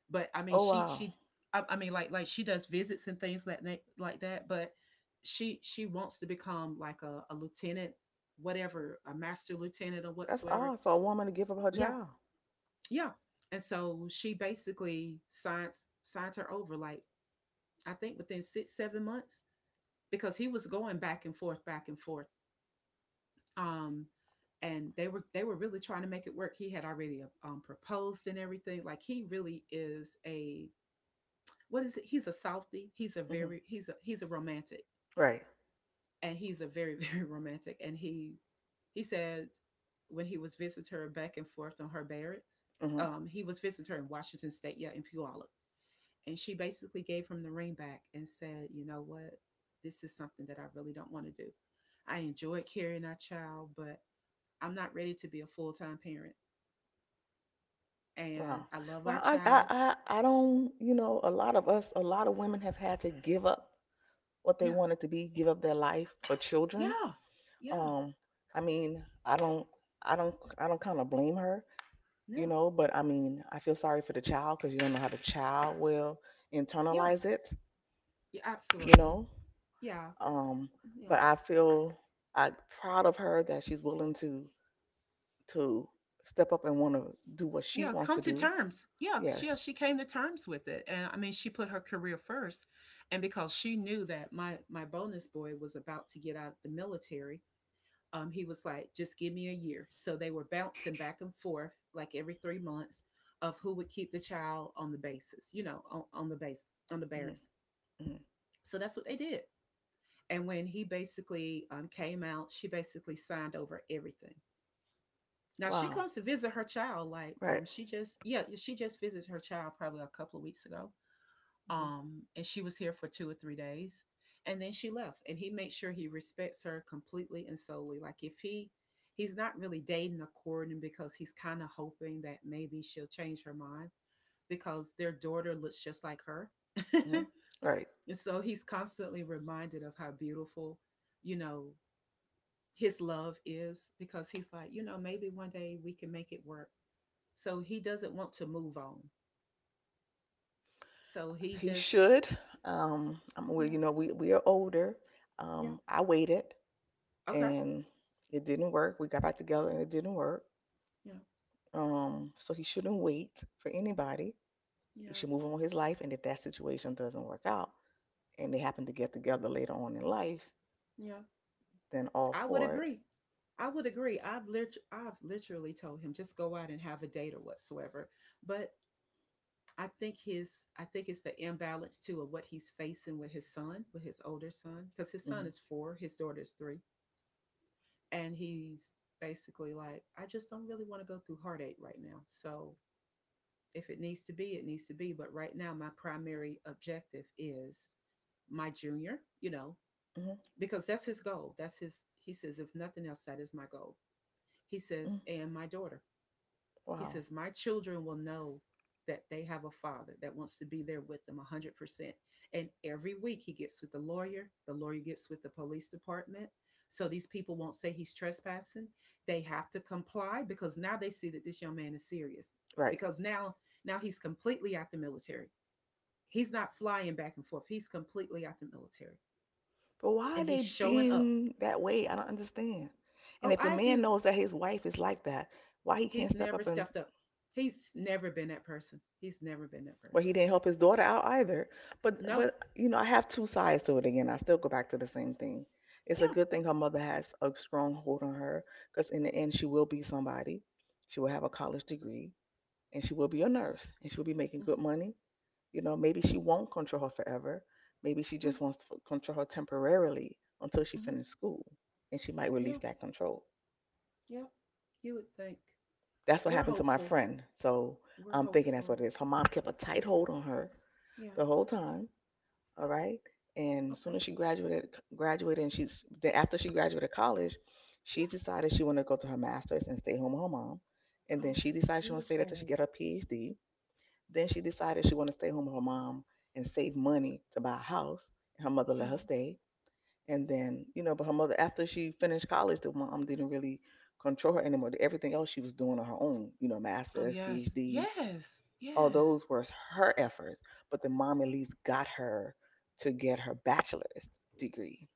But I mean,
Oh wow,
I mean, like she does visits and things like that. But she wants to become like a lieutenant, whatever, a master lieutenant or
that's
whatsoever.
odd for a woman to give up her
Yeah,
child.
yeah. And so she basically signed her over, like I think within 6 7 months, because he was going back and forth, back and forth. Um, and they were really trying to make it work. He had already proposed and everything. Like he really is a, what is it? He's a Southie. He's a
hmm
very he's a romantic,
Right.
and he's a very very romantic. And he said when he was visiting her back and forth on her barracks,
hmm
he was visiting her in Washington State, yeah, in Puyallup, and she basically gave him the ring back and said, "You know what, this is something that I really don't want to do. I enjoyed carrying our child, but I'm not ready to be a full time parent, and
Wow.
I love our
Well, I, I
child."
I I don't. You know, a lot of us, a lot of women have had to give up what they
Yeah,
wanted to be, give up their life for children.
yeah, yeah,
Um, I mean, I don't, I don't kind of blame her, you
yeah,
know. But I mean, I feel sorry for the child because you don't know how the child will
yeah,
internalize it,
yeah
you
absolutely.
know.
Yeah,
Um,
yeah.
but I feel I'm proud of her that she's willing to to step up and want to do what she
Yeah,
wants to
come to
do.
terms. Yeah,
Yes.
she came to terms with it, and I mean, she put her career first, and because she knew that my bonus boy was about to get out of the military, he was like, "Just give me a year." So they were bouncing back and forth like every 3 months of who would keep the child on the basis, you know, on the base on the
hmm
barracks.
hmm
So that's what they did. And when he basically came out, she basically signed over everything. Now she
Wow.
comes to visit her child. Like,
Right.
she just yeah, she just visited her child probably a couple of weeks ago.
Mm-hmm.
And she was here for 2 or 3 days, and then she left. And he makes sure he respects her completely and solely. Like, if he he's not really dating or courting, because he's kind of hoping that maybe she'll change her mind because their daughter looks just like her.
hmm
And
Right.
so he's constantly reminded of how beautiful, you know, his love is, because he's like, "You know, maybe one day we can make it work," so he doesn't want to move on. So he
He
just,
should. I'm, well,
yeah,
you know, we are older.
yeah,
I waited
okay,
and it didn't work. We got back together and it didn't work.
yeah,
So he shouldn't wait for anybody. He
yeah,
should move on with his life. And if that situation doesn't work out and they happen to get together later on in life,
yeah.
then all
I would
for it.
agree. I would agree. I've literally told him just go out and have a date or whatsoever. But I think his, I think it's the imbalance too of what he's facing with his son, with his older son, because his son
hmm
is four, his daughter's three, and he's basically like, "I just don't really want to go through heartache right now. So if it needs to be, it needs to be." But right now, my primary objective is my junior, you know,
hmm
because that's his goal. That's his, he says, if nothing else, that is my goal. He
hmm
says, and my daughter. He
Wow.
says, my children will know that they have a father that wants to be there with them 100%. And every week he gets with the lawyer gets with the police department. So these people won't say he's trespassing. They have to comply because now they see that this young man is serious.
Right.
Because now he's completely out the military. He's not flying back and forth. He's completely out the military.
But why are
And
they
he's showing up.
being that way? I don't understand. And
Oh,
if the
I
man
do.
knows that his wife is like that, why he can't
He's
step
never
up and—
stepped up. He's never been that person.
Well, he didn't help his daughter out either. But
No.
but you know, I have two sides to it again. I still go back to the same thing. It's a
Yeah.
good thing her mother has a strong hold on her because in the end she will be somebody. She will have a college degree and she will be a nurse and she will be making good
Mm-hmm.
money. You know, maybe she won't control her forever. Maybe she
Mm-hmm.
just wants to control her temporarily until she
Mm-hmm.
finishes school and she might
Yeah.
release that control.
Yeah. You would think.
That's what
We're
happened to my
hopeful.
friend. So
We're
I'm thinking that's
hopeful.
what it is. Her mom kept a tight hold on her the
Yeah.
whole time. All right. And as
Okay.
soon as she graduated, graduated, and she's then after she graduated college, she
Yeah.
decided she wanted to go to her master's and stay home with her mom. And then
Oh,
she
that's
decided she wanted to stay there till she
beautiful.
get her PhD. Then she decided she wanted to stay home with her mom and save money to buy a house. And her mother let her
Yeah.
stay. And then, you know, but her mother, after she finished college, the mom didn't really control her anymore. Everything else she was doing on her own, you know,
Oh,
master's,
yes.
PhD. Oh, those were her efforts, but the mom at least got her to get her bachelor's degree.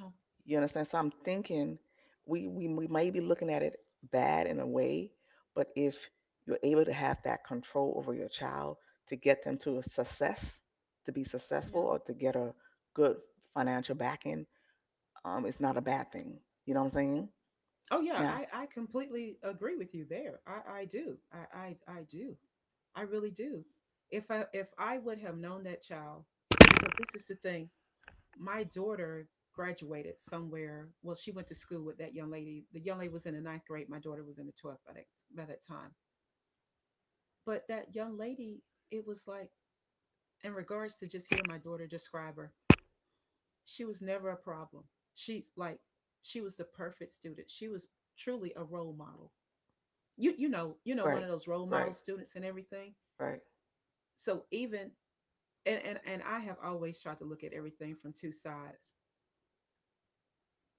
Wow.
You understand? So I'm thinking we may be looking at it bad in a way, but if you're able to have that control over your child to get them to a success, to be successful,
Yeah.
or to get a good financial backing, it's not a bad thing. You know what I'm saying?
Oh yeah,
Now,
I completely agree with you there. I do. I do. I really do. If I would have known that child, because this is the thing, my daughter graduated somewhere. Well, she went to school with that young lady. The young lady was in the ninth grade. My daughter was in the 12th by that time. But that young lady, it was like in regards to just hearing my daughter describe her, she was never a problem. She's like she was the perfect student. She was truly a role model, you know, one
right,
of those role model
right,
students and everything.
right,
So even and I have always tried to look at everything from two sides,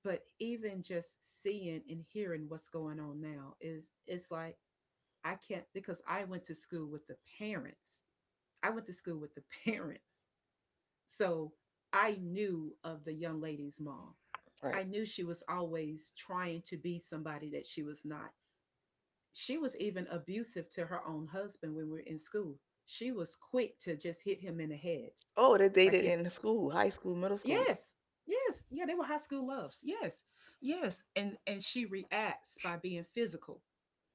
but even just seeing and hearing what's going on now is it's like I can't because I went to school with the parents. I went to school with the parents. So I knew of the young lady's mom.
right.
I knew she was always trying to be somebody that she was not. She was even abusive to her own husband when we were in school. She was quick to just hit him in the head.
Oh, they
Like
dated
if
in school, high school, middle school.
yes, yes, yeah, they were high school loves. Yes. Yes. And she reacts by being physical.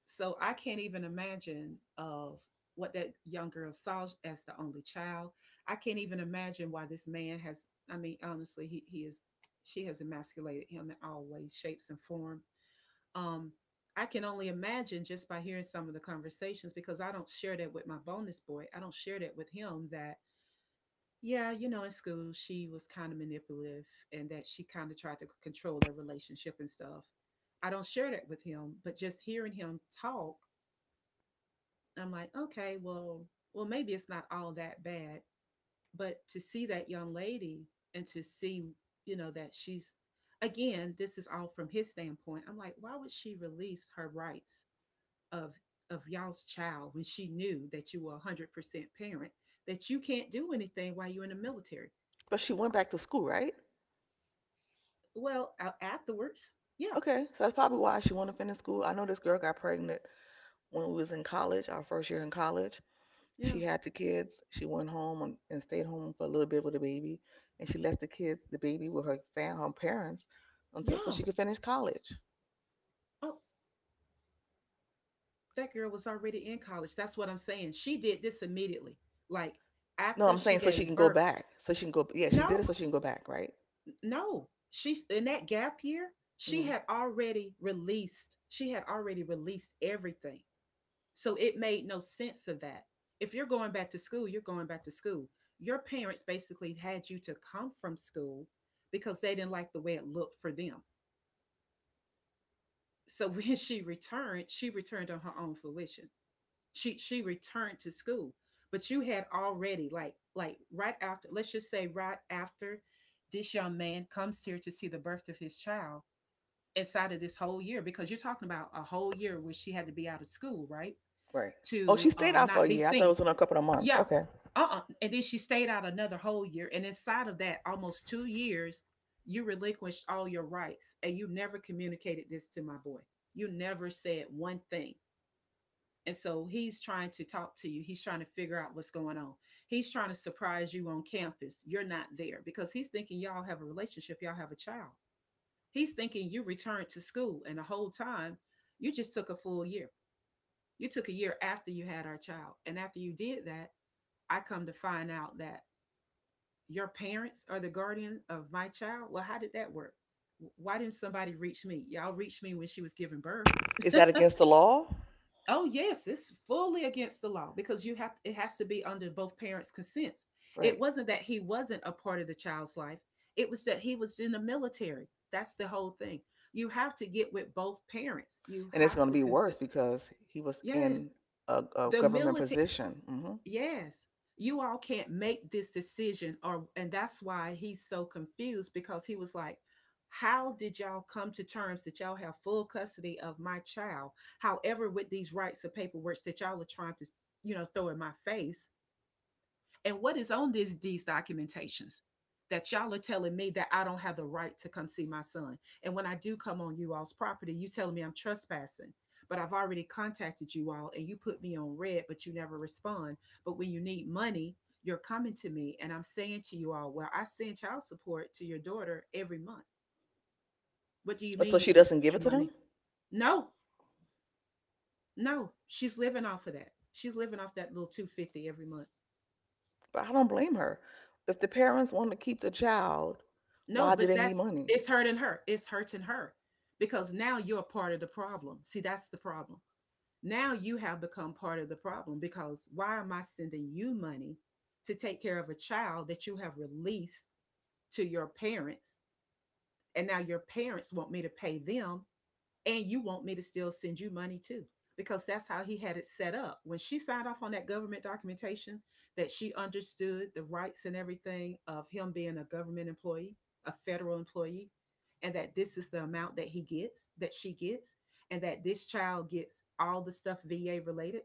So I can't even imagine of what that young girl saw as the only child. I can't even imagine why this man has, I mean, honestly, he is she has emasculated him in all ways, shapes and form. Um, I can only imagine just by hearing some of the conversations because I don't share that with my bonus boy. I don't share that with him that, yeah, you know, in school she was kind of manipulative and that she kind of tried to control their relationship and stuff. I don't share that with him, but just hearing him talk, I'm like, okay, well, maybe it's not all that bad. But to see that young lady and to see, you know, that she's, again, this is all from his standpoint. I'm like, why would she release her rights of y'all's child when she knew that you were 100% parent, that you can't do anything while you're in the military.
But she went back to school, right?
Well, afterwards, yeah.
Okay, so that's probably why she wanted to finish school. I know this girl got pregnant when we was in college, our first year in college.
yeah
She had the kids. She went home and stayed home for a little bit with the baby, and she left the kids, the baby, with her fam, her parents, until so
yeah
she could finish college.
oh, that girl was already in college. That's what I'm saying, she did this immediately, like
No,
after
I'm
she
saying so she
gave
can go
birth.
back. So she can go. Yeah, she did
no
it so she can go back, right?
no she's in that gap year.
hmm
She had already released everything. So it made no sense of that. If you're going back to school, you're going back to school. Your parents basically had you to come from school because they didn't like the way it looked for them. So when she returned on her own fruition. She returned to school, but you had already like right after, let's just say right after this young man comes here to see the birth of his child inside of this whole year, because you're talking about a whole year where she had to be out of school, right?
Right. Oh, she
To
stayed out for a
not be
year. I thought it
seen.
was in a couple of months.
Yeah.
Okay.
Uh-uh. And then she stayed out another whole year. And inside of that, almost 2 years, you relinquished all your rights. And you never communicated this to my boy. You never said one thing. And so he's trying to talk to you. He's trying to figure out what's going on. He's trying to surprise you on campus. You're not there because he's thinking y'all have a relationship, y'all have a child. He's thinking you returned to school. And the whole time, you just took a full year. You took a year after you had our child. And after you did that, I come to find out that your parents are the guardian of my child. Well, how did that work? Why didn't somebody reach me? Y'all reached me when she was giving birth.
Is that against the law?
Oh yes, it's fully against the law because you have it has to be under both parents' consents.
Right.
It wasn't that he wasn't a part of the child's life. It was that he was in the military. That's the whole thing. You have to get with both parents. You
And it's
have
going to
to
be worse
consent.
because he was
Yes,
in a
the
government
military.
position.
Yes. You all can't make this decision, or and that's why he's so confused because he was like, how did y'all come to terms that y'all have full custody of my child? However, with these rights of paperwork that y'all are trying to, you know, throw in my face, and what is on this these documentations that y'all are telling me that I don't have the right to come see my son? And when I do come on you all's property, you telling me I'm trespassing. But I've already contacted you all and you put me on red, but you never respond. But when you need money, you're coming to me and I'm saying to you all, well, I send child support to your daughter every month. What do you mean
So
you
she
need
doesn't give
extra
it to
money?
them?
No, no, she's living off of that. She's living off that little 250 every month.
But I don't blame her. If the parents want to keep the child,
No,
why do
but
they need
that's
money?
it's hurting her. It's hurting her because now you're part of the problem. See, that's the problem. Now you have become part of the problem because why am I sending you money to take care of a child that you have released to your parents? And now your parents want me to pay them and you want me to still send you money too, because that's how he had it set up when she signed off on that government documentation, that she understood the rights and everything of him being a government employee, a federal employee, and that this is the amount that he gets, that she gets, and that this child gets all the stuff VA related.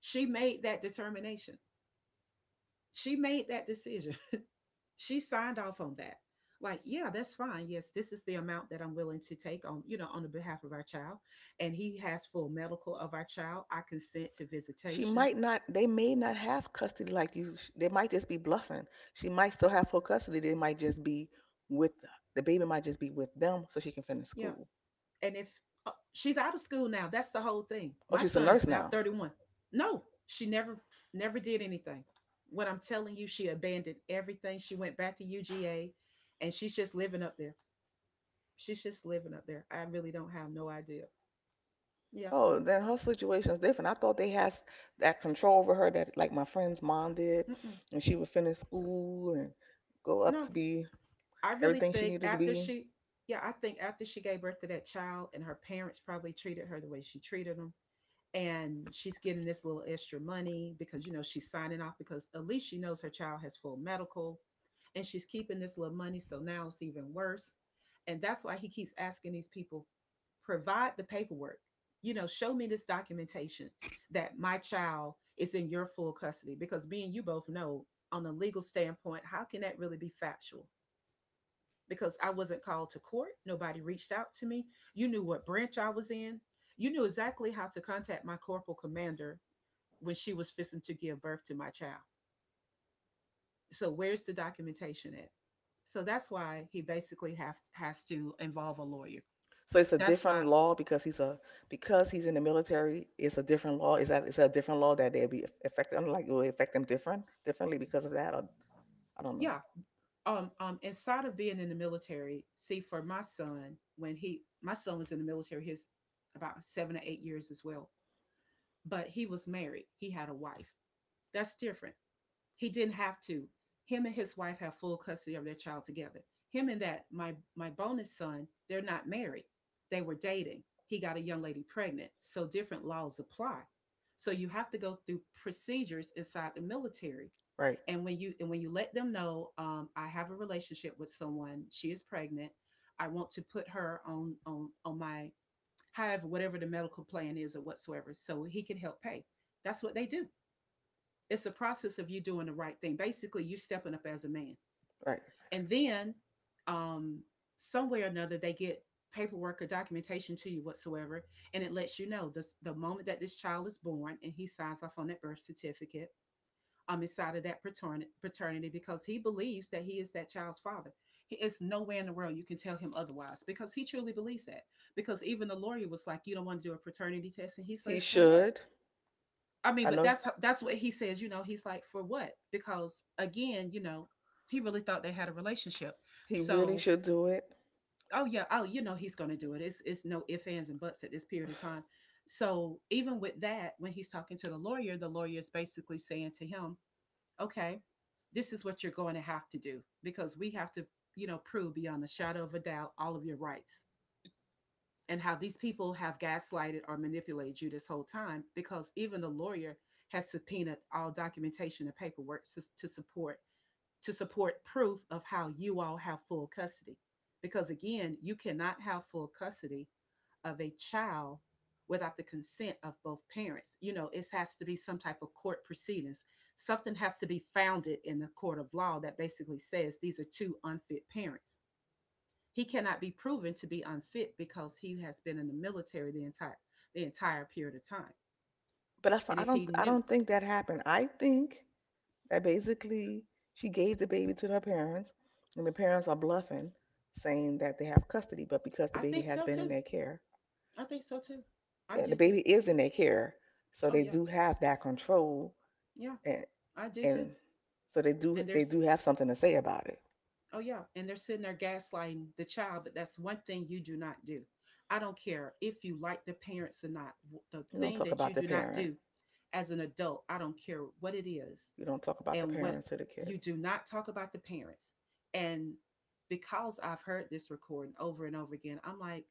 She made that determination. She made that decision. She signed off on that. Like, yeah, that's fine. Yes, this is the amount that I'm willing to take on, you know, on the behalf of our child. And he has full medical of our child. I consent to
She
visitation.
might not, they may not have custody like you. They might just be bluffing. She might still have full custody. They might just be with, the baby might just be with them so she can finish
Yeah.
school.
And if she's out of school now, that's the whole thing.
Oh,
My
she's a
son is
nurse
now
now.
31. No, she never, never did anything. What I'm telling you, she abandoned everything. She went back to UGA and she's just living up there. I really don't have no idea. Yeah.
Oh, then her situation is different. I thought they had that control over her that like my friend's mom did,
Mm-mm.
and she would finish school and go up
No,
to be
I really
everything she
think
needed to
after
be.
yeah, I think after she gave birth to that child and her parents probably treated her the way she treated them. And she's getting this little extra money because, you know, she's signing off because at least she knows her child has full medical, and she's keeping this little money. So now it's even worse. And that's why he keeps asking these people provide the paperwork. You know, show me this documentation that my child is in your full custody, because me and you both know on a legal standpoint, how can that really be factual? Because I wasn't called to court. Nobody reached out to me. You knew what branch I was in. You knew exactly how to contact my corporal commander when she was fixing to give birth to my child. So where's the documentation at? So that's why he basically has to involve a lawyer.
So it's a
That's
different
why,
law because he's a— because he's in the military. It's a different law. Is that a different law that they'll be affected? I'm like, it will affect them differently because of that? Or, I don't know.
yeah. Inside of being in the military, see for my son when he my son was in the military, his about 7 or 8 years as well. But he was married. He had a wife. That's different. He didn't have to. Him and his wife have full custody of their child together. Him and that my bonus son, they're not married. They were dating. He got a young lady pregnant. So different laws apply. So you have to go through procedures inside the military.
Right,
And when you, and when you let them know, I have a relationship with someone. She is pregnant. I want to put her on on my however whatever the medical plan is or whatsoever, so he can help pay. That's what they do. It's a process of you doing the right thing. Basically, you stepping up as a man.
right.
And then um, somewhere or another, they get paperwork or documentation to you whatsoever. And it lets you know this, the moment that this child is born and he signs off on that birth certificate inside of that paternity because he believes that he is that child's father. It's nowhere in the world you can tell him otherwise because he truly believes that. Because even the lawyer was like, "You don't want to do a paternity test." And he
He
says, "For what?"
should.
I mean,
I
but
know
that's what he says. You know, he's like, for what? Because again, you know, he really thought they had a relationship.
he really
So,
should do it.
oh yeah, oh you know, he's going to do it. It's no ifs ands and buts at this period of time. So even with that, when he's talking to the lawyer is basically saying to him, okay, this is what you're going to have to do because we have to, you know, prove beyond a shadow of a doubt all of your rights and how these people have gaslighted or manipulated you this whole time because even the lawyer has subpoenaed all documentation and paperwork to support proof of how you all have full custody because again you cannot have full custody of a child without the consent of both parents. You know, it has to be some type of court proceedings, something has to be founded in the court of law that basically says these are two unfit parents. He cannot be proven to be unfit because he has been in the military the entire period of time.
But that's—
And if he
I
knew,
don't think that happened. I think that basically she gave the baby to her parents, and the parents are bluffing, saying that they have custody. But because the
I
baby
think
has
so
been in
too.
their care,
I think so too. I
yeah,
do
the
too.
baby is in their care, so
Oh
they
yeah,
do have that control
yeah,
and
I do too.
and so
And
they do
there's
have something to say about it.
oh yeah, and they're sitting there gaslighting the child. But that's one thing you do not do. I don't care if you like the parents or not. The
You don't
thing
talk
that you
about the
do not
parent.
do as an adult, I don't care what it is.
You don't talk about the
And when
parents to the
you
kids.
do not talk about the parents, and because I've heard this recording over and over again,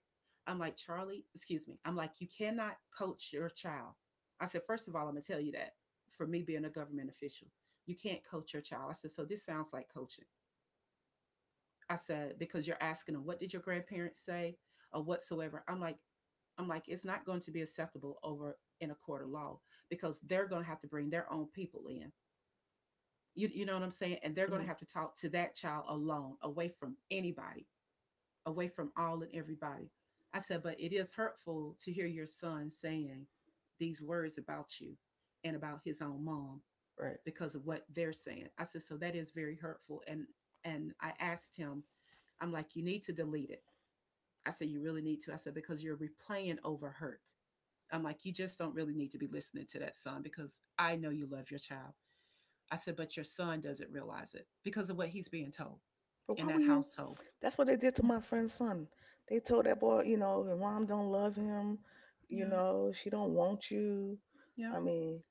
I'm like, Charlie, excuse me. I'm like, you cannot coach your child. I said, first of all, I'm gonna tell you that for me being a government official, you can't coach your child. I said, so this sounds like coaching. I said, because you're asking them, what did your grandparents say or whatsoever. I'm like, it's not going to be acceptable over in a court of law because they're going to have to bring their own people in. You know what I'm saying? And they're going to
hmm
have to talk to that child alone, away from anybody, away from all and everybody. I said, but it is hurtful to hear your son saying these words about you and about his own mom
Right.
because of what they're saying. I said, so that is very hurtful. And I asked him, I'm like, you need to delete it. I said, you really need to. I said, because you're replaying over hurt. I'm like, you just don't really need to be listening to that son because I know you love your child. I said, but your son doesn't realize it because of what he's being told
But why
in
were
that
you?
household.
That's what they did to
Yeah,
my friend's son. They told that boy, you know, your mom don't love him. You
yeah,
know, she don't want you.
yeah.
I mean,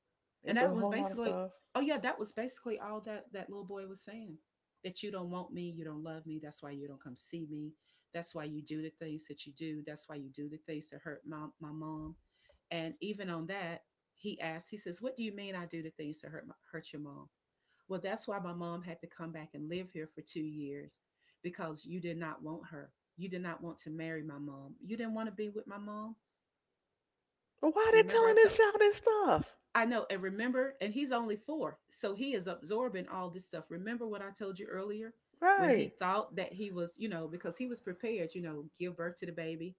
they
And
told
that
a
was
whole lot of
basically,
stuff.
oh yeah, that was basically all that that little boy was saying. That you don't want me, you don't love me. That's why you don't come see me. That's why you do the things that you do. That's why you do the things that hurt my mom. And even on that, he asked. He says, "What do you mean I do the things that hurt my, hurt your mom?" Well, that's why my mom had to come back and live here for 2 years because you did not want her. You did not want to marry my mom. You didn't want to be with my mom.
But why are they
Remember, I
telling this
told
child this stuff?
I know, and remember, and he's only 4, so he is absorbing all this stuff. Remember what I told you earlier when
Right.
he thought that he was, you know, because he was prepared, you know, give birth to the baby,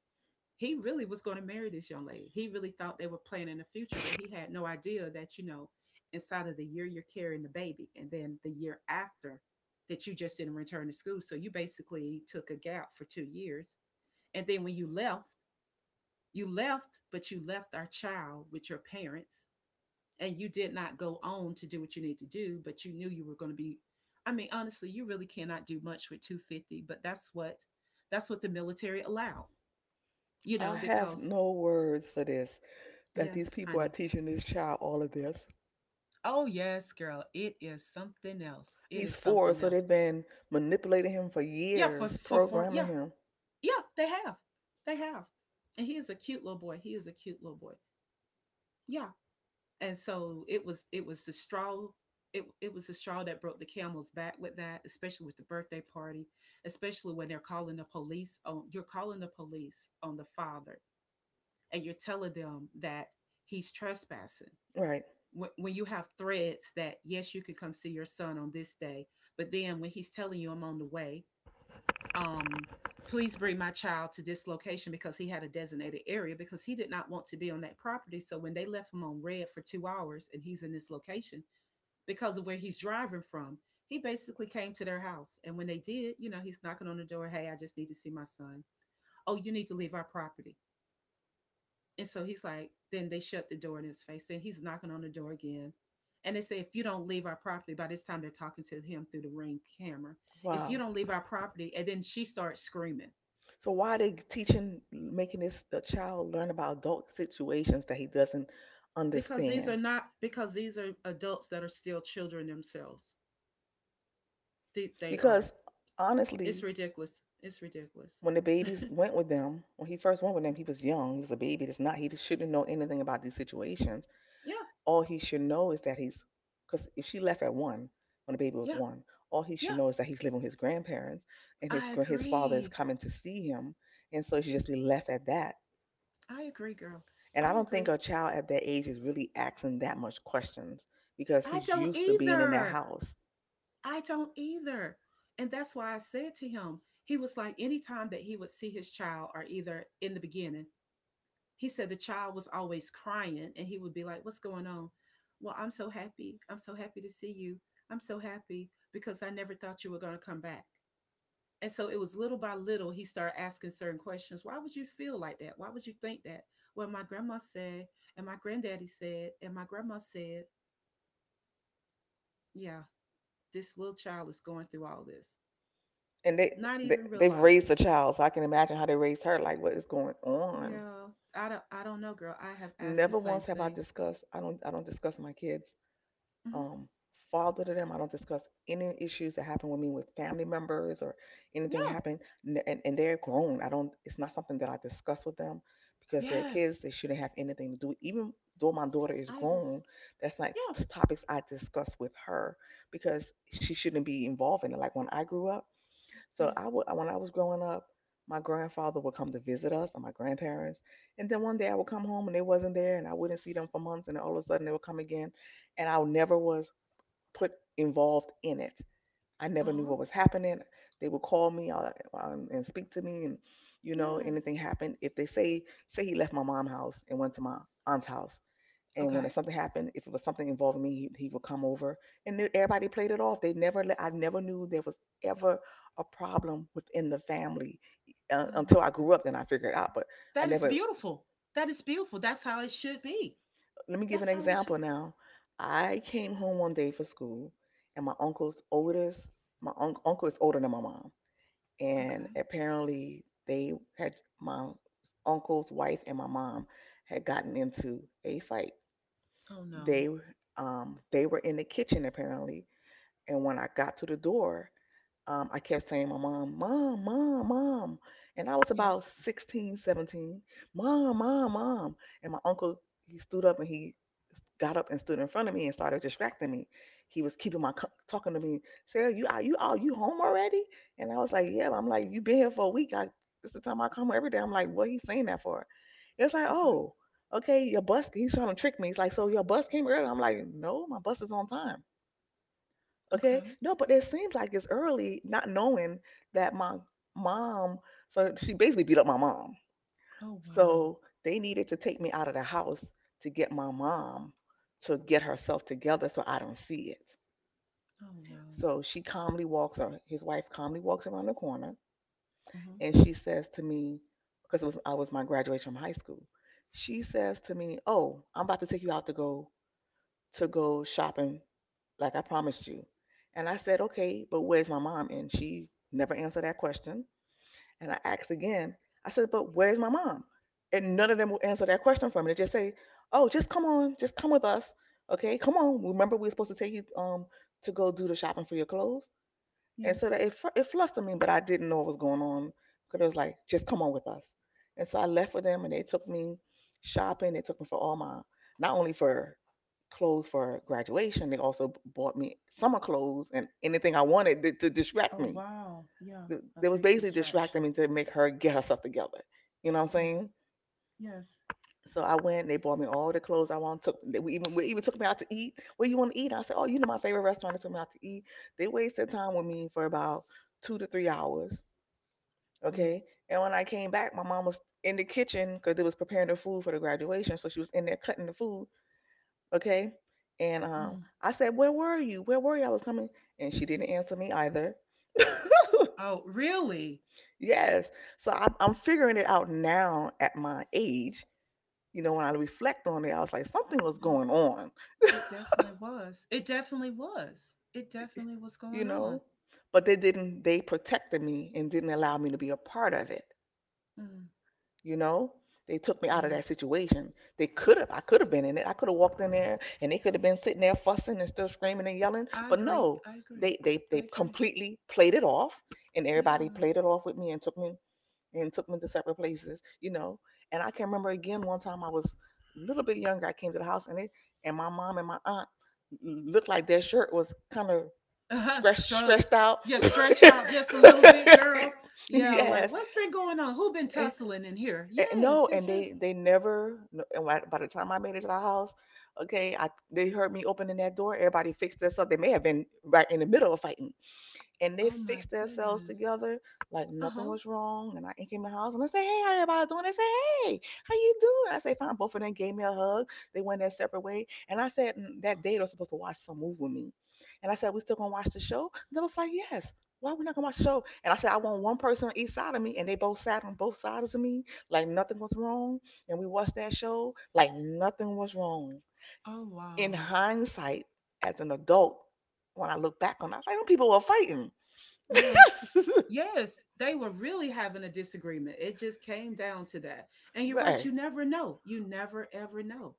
he really was going to marry this young lady. He really thought they were planning a future, but he had no idea that, you know, inside of the year you're carrying the baby and then the year after that you just didn't return to school. So you basically took a gap for 2 years. And then when you left, but you left our child with your parents and you did not go on to do what you need to do, but you knew you were going to be. I mean, honestly, you really cannot do much with 250, but that's what the military allowed, you
I
know,
have
because
no words for this. That these
yes,
people are
honey.
teaching this child all of this.
Oh yes, girl. It is something else. It
He's
is
four,
something
so
else.
they've been manipulating him for
Yeah, for
years,
for for
programming
yeah.
him.
Yeah, they have. They have. And he is a cute little boy. He is a cute little boy. Yeah. And so it was it was the straw that broke the camel's back with that, especially with the birthday party, especially when they're calling the police on you're calling the police on the father and you're telling them that he's trespassing
Right.
when, you have threads that yes you can come see your son on this day but then when he's telling you I'm on the way, um please bring my child to this location because he had a designated area because he did not want to be on that property. So when they left him on red for 2 hours and he's in this location because of where he's driving from, he basically came to their house and when they did you know he's knocking on the door. Hey, I just need to see my son. Oh, you need to leave our property. And so he's like, then they shut the door in his face. Then he's knocking on the door again. And they say, if you don't leave our property, by this time they're talking to him through the ring camera. If you
Wow.
don't leave our property, and then she starts screaming
So why are they teaching, making this the child learn about adult situations that he doesn't
because these are
understand?
not because these are adults that are still children themselves. They are.
Because
It's
honestly,
ridiculous. It's ridiculous.
when the babies went with them, when he first went with them, he was young. He was a baby. It's not he shouldn't know anything about these situations.
Yeah,
All he should know is that he's— because if she left at one when the baby was
yeah,
one, all he should
yeah.
know is that he's living with his grandparents and his
I
his father is
agree.
coming to see him, and so he should just be left at that.
I agree, girl.
And I
I
don't think
agree.
a child at that age is really asking that much questions because
I
he's
don't
used to being in that
either.
house.
I don't either. And that's why I said to him, he was like, anytime that he would see his child, or either in the beginning, he said the child was always crying and he would be like, what's going on? Well, I'm so happy. I'm so happy to see you. I'm so happy because I never thought you were going to come back. And so it was little by little, he started asking certain questions. Why would you feel like that? Why would you think that? Well, my grandma said, and my granddaddy said, and my grandma said, yeah, this little child is going through all this,
And they,
not
they
even
they've raised
realizing.
a child, so I can imagine how they raised her. Like, what is going on?
Yeah, I don't. I don't know, girl. I have asked the
Never
same
once have I
thing.
discussed. I don't discuss my kids
Hmm.
um, father to them. I don't discuss any issues that happen with me with family members or anything that
Yeah.
happened. And they're grown. I don't. It's not something that I discuss with them because they're kids.
Yes.
They shouldn't have anything to do. Even though my daughter is
I agree.
grown, that's not
Yeah.
topics I discuss with her because she shouldn't be involved in it. Like when I grew up, so I
Yes.
would when I was growing up. My grandfather would come to visit us and my grandparents. And then one day I would come home and they wasn't there and I wouldn't see them for months and all of a sudden they would come again and I never was put involved in it. I
Uh
never knew
huh.
what was happening. They would call me and speak to me, and you know, anything
Yes.
happened. If they say say he left my mom's house and went to my aunt's house, and when
Okay.
something happened, if it was something involving me, he would come over, and everybody played it off. They never let. I never knew there was ever a problem within the family
Oh
until
my
I grew
goodness.
up. Then I figured it out, but I
That is
never—
beautiful. That is beautiful. That's how it should be.
let me give an
That's how it should.
example now. I came home one day from school, and my uncle's oldest, my uncle is older than my mom, and
Okay.
apparently they had my uncle's wife and my mom had gotten into a fight.
Oh no.
They they were in the kitchen apparently, and when I got to the door, I kept saying my mom, mom, mom, mom, and I was about
Yes.
16, 17, mom, mom, mom, and my uncle he stood up and he got up and stood in front of me and started distracting me. He was keeping my talking to me. Sarah, you are— you are you home already? And I was like, yeah. I'm like, you been here for a week. I, this is the time I come every day. I'm like, what he saying that for? It's like,
Okay.
oh, okay, your bus. He's trying to trick me. He's like, so your bus came early. I'm like, no, my bus is on time. Okay,
Okay.
no, but it seems like it's early, not knowing that my mom. So she basically beat up my mom,
Oh wow.
so they needed to take me out of the house to get my mom to get herself together so I don't see it.
Oh wow.
So she calmly walks, or his wife calmly walks around the corner,
Mhm.
and she says to me, because it was I was my graduation from high school. She says to me, "Oh, I'm about to take you out to go shopping, like I promised you." And I said, "Okay, but where's my mom?" And she never answered that question. And I asked again. I said, but where's my mom? And none of them will answer that question for me. They just say, oh, just come on, just come with us. Okay, come on. Remember, we were supposed to take you to go do the shopping for your clothes. And so
Yes.
that it flustered me, but I didn't know what was going on because it was like, just come on with us. And so I left with them and they took me shopping. They took me for all my, not only for clothes for graduation, they also bought me summer clothes and anything I wanted to distract
Oh
me.
wow. Yeah. A
They was
big
basically distracting
distraction.
me to make her get herself together. You know what I'm
Yeah.
saying?
Yes.
So I went. And they bought me all the clothes I want. Took, they even, we even took me out to eat. Where you want to eat? I said, oh, you know my favorite restaurant. They took me out to eat. They wasted time with me for about 2 to 3 hours.
Mm.
Okay. And when I came back, my mom was in the kitchen because they was preparing the food for the graduation. So she was in there cutting the food. Okay. And
Mm.
I said, where were you? Where were you? I was coming, and she didn't answer me either.
Oh really?
Yes. So I'm figuring it out now at my age. You know, when I reflect on it, I was like, something was
Yeah.
going on,
It definitely was. It definitely was. It definitely was
you
going on.
know? But they didn't, they protected me and didn't allow me to be a part of it,
Mm,
you know? They took me out of
yeah,
that situation. They could have, I could have been in it. I could have walked in there and they could have been sitting there fussing and still screaming and yelling.
I
But
agree.
no,
I agree.
they
I agree.
completely played it off and everybody
Yeah.
played it off with me and took me and took me to separate places, you know. And I can remember again one time I was a little bit younger. I came to the house and it and my mom and my aunt looked like their shirt was kind of
Uh-huh.
stretched
Shrug.
stretched out.
Yeah, stretch out just a little bit, girl. Yeah, like
Yes,
what's been going on? Who been
and,
tussling in here?
and
Yes,
no,
yes,
and
yes.
they never, no. And by the time I made it to the house, okay, I, they heard me opening that door. Everybody fixed themselves. They may have been right in the middle of fighting, and they
Oh my
fixed themselves
goodness.
together like nothing
Uh-huh.
was wrong. And I came to the house and I said, "Hey, how everybody doing?" They said, "Hey, how you doing?" I say, "Fine." Both of them gave me a hug. They went their separate way. And I said, "Mm, that day they were supposed to watch some movie with me." And I said, "We still gonna watch the show?" And they was like, "Yes. Why we not gonna watch the show?" And I said, "I want one person on each side of me," and they both sat on both sides of me, like nothing was wrong. And we watched that show like nothing was wrong.
Oh
In
wow.
hindsight, as an adult, when I look back on it, I was like, them people were fighting.
Yes. Yes, they were really having a disagreement. It just came down to that. And you're right,
Right.
you never know. You never ever know.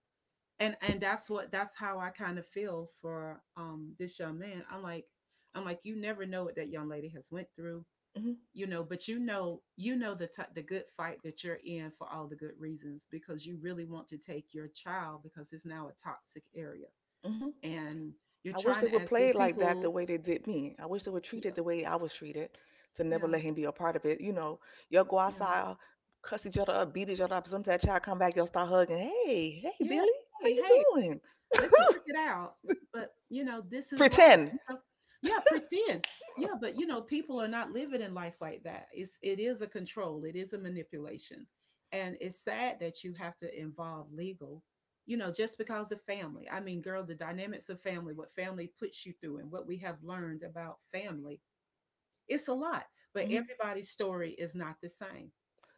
And that's what that's how I kind of feel for this young man. I'm like you never know what that young lady has went through,
Hmm.
you know, but you know the the good fight that you're in for all the good reasons because you really want to take your child because it's now a toxic area
Hmm.
and you're
I wish
trying
they
to
would
ask
play
these
it like that the
people,
way they did me. I wish they would treat
yeah,
it the way I was treated, to never
yeah,
let him be a part of it. You know, y'all go
yeah,
outside, cuss each other up, beat each other up. Sometimes that child come back, y'all start hugging. Hey, hey,
yeah.
Billy, how
Hey,
you
hey,
doing?
let's work it out. But, you know, this is life.
Pretend.
You know, yeah, pretend. Yeah, but you know, people are not living in life like that. It's it is a control. It is a manipulation. And it's sad that you have to involve legal, you know, just because of family. I mean, girl, the dynamics of family, what family puts you through and what we have learned about family, it's a lot. But
Mhm.
everybody's story is not the same.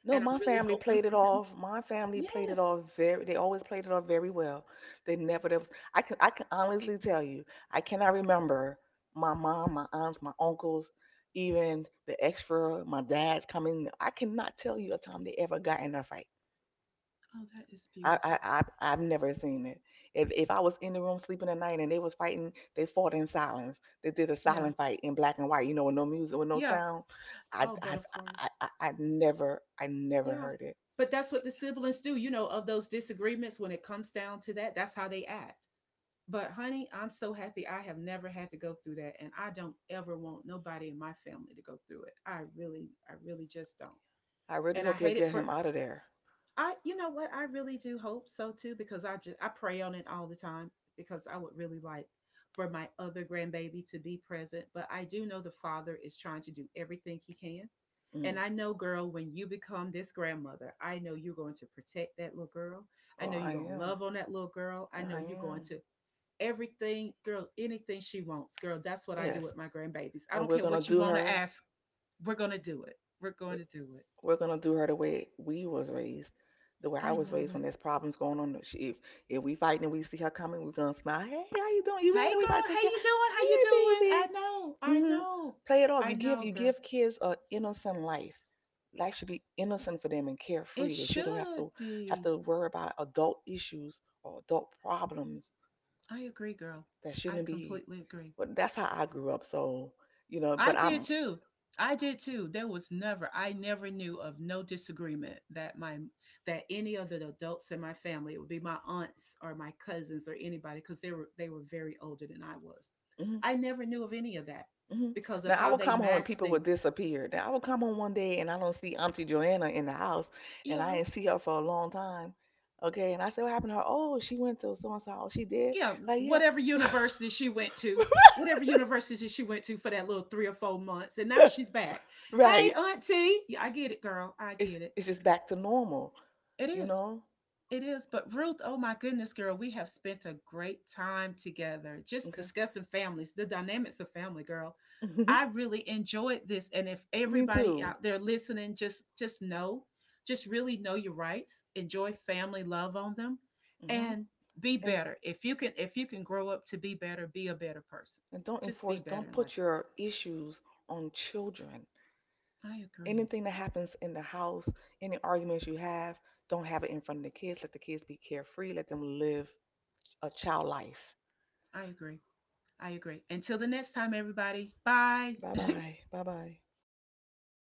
No,
And I'm
my
really
family
hoping
played it
for him.
off. My family played it
Yes.
off very. They always played it off very well. They never. There was. I can. I can honestly tell you. I cannot remember my mom, my aunts, my uncles, even the extra. My dad's coming. I cannot tell you a time they ever got in a fight.
Oh, that is
I.
beautiful.
I. I, I've never seen it. If I was in the room sleeping at night and they was fighting, they fought in silence. They did a
Yeah.
silent fight in black and white. You know, with no music, with no
Yeah.
sound. I.
Oh, but
I.
of
I.
course.
I never. I never
Yeah.
heard it.
But that's what the siblings do, you know, of those disagreements when it comes down to that, that's how they act. But honey, I'm so happy I have never had to go through that and I don't ever want nobody in my family to go through it. I really just don't.
I really
And I
hope you'll
hate it
get
for
him out of there.
I you know what? I really do hope so too because I just I pray on it all the time because I would really like for my other grandbaby to be present, but I do know the father is trying to do everything he can and
Mm.
I know, girl, when you become this grandmother, I know you're going to protect that little girl. I
Oh,
know
I
you're going to
am.
love on that little girl. I know
I
you're going
am.
to everything, girl, anything she wants, girl. That's what I do
Yes.
with my grandbabies. I
And
don't
we're
care
gonna
what you
do
want to
her.
ask. We're going to do it. We're going to do it.
Are gonna do her the way we was raised, the way I
I
was
know
raised. When
it.
there's problems going on, she, if we fighting and we see her coming, we're gonna smile. Hey, how you doing? You ready?
Hey,
We about to
girl. How
take care.
you doing? How you
Hey,
doing? I
baby.
know. I
Hmm.
know.
Play it off.
I
You give,
know,
you
girl.
give kids an innocent life. Life should be innocent for them and
It
carefree. They shouldn't
should
have
be.
to worry about adult issues or adult problems.
I agree, girl.
That
I
shouldn't be.
completely agree.
But that's how I grew up. So, you know,
I
but
did
I'm.
too. I did too. There was never, I never knew of no disagreement that my that any of the adults in my family, it would be my aunts or my cousins or anybody, because they were very older than I was.
Hmm.
I never knew of any of that
Hmm.
because of
Now I
how
would
they
come home and
masked
people would
things.
disappear. Now I would come home one day and I don't see Auntie Joanna in the house, and I
Yeah,
ain't see her for a long time. Okay, and I said, "What happened to her?" "Oh, she went to so and so." "Oh, she did."
yeah.
Like, yeah.
Whatever university she went to, whatever university she went to for that little 3 or 4 months, and now she's back. Hey,
Right.
auntie. Yeah, I get it, girl. I
It's
get it.
it's just back to normal.
It
You
is.
know.
It is, but Ruth, oh my goodness, girl, we have spent a great time together just
Okay.
discussing families, the dynamics of family, girl.
Hmm.
I really enjoyed this, and if
Me
everybody
too.
out there listening, just know, just really know your rights, enjoy family, love on them,
Hmm.
and be
And
better. If you can grow up to be better, be a better person.
and don't
Just be
enforce.
better
Don't
in life.
put your issues on children.
I agree.
Anything that happens in the house, any arguments you have, don't have it in front of the kids. Let the kids be carefree. Let them live a child life.
I agree. I agree. Until the next time, everybody. Bye.
Bye bye. Bye bye.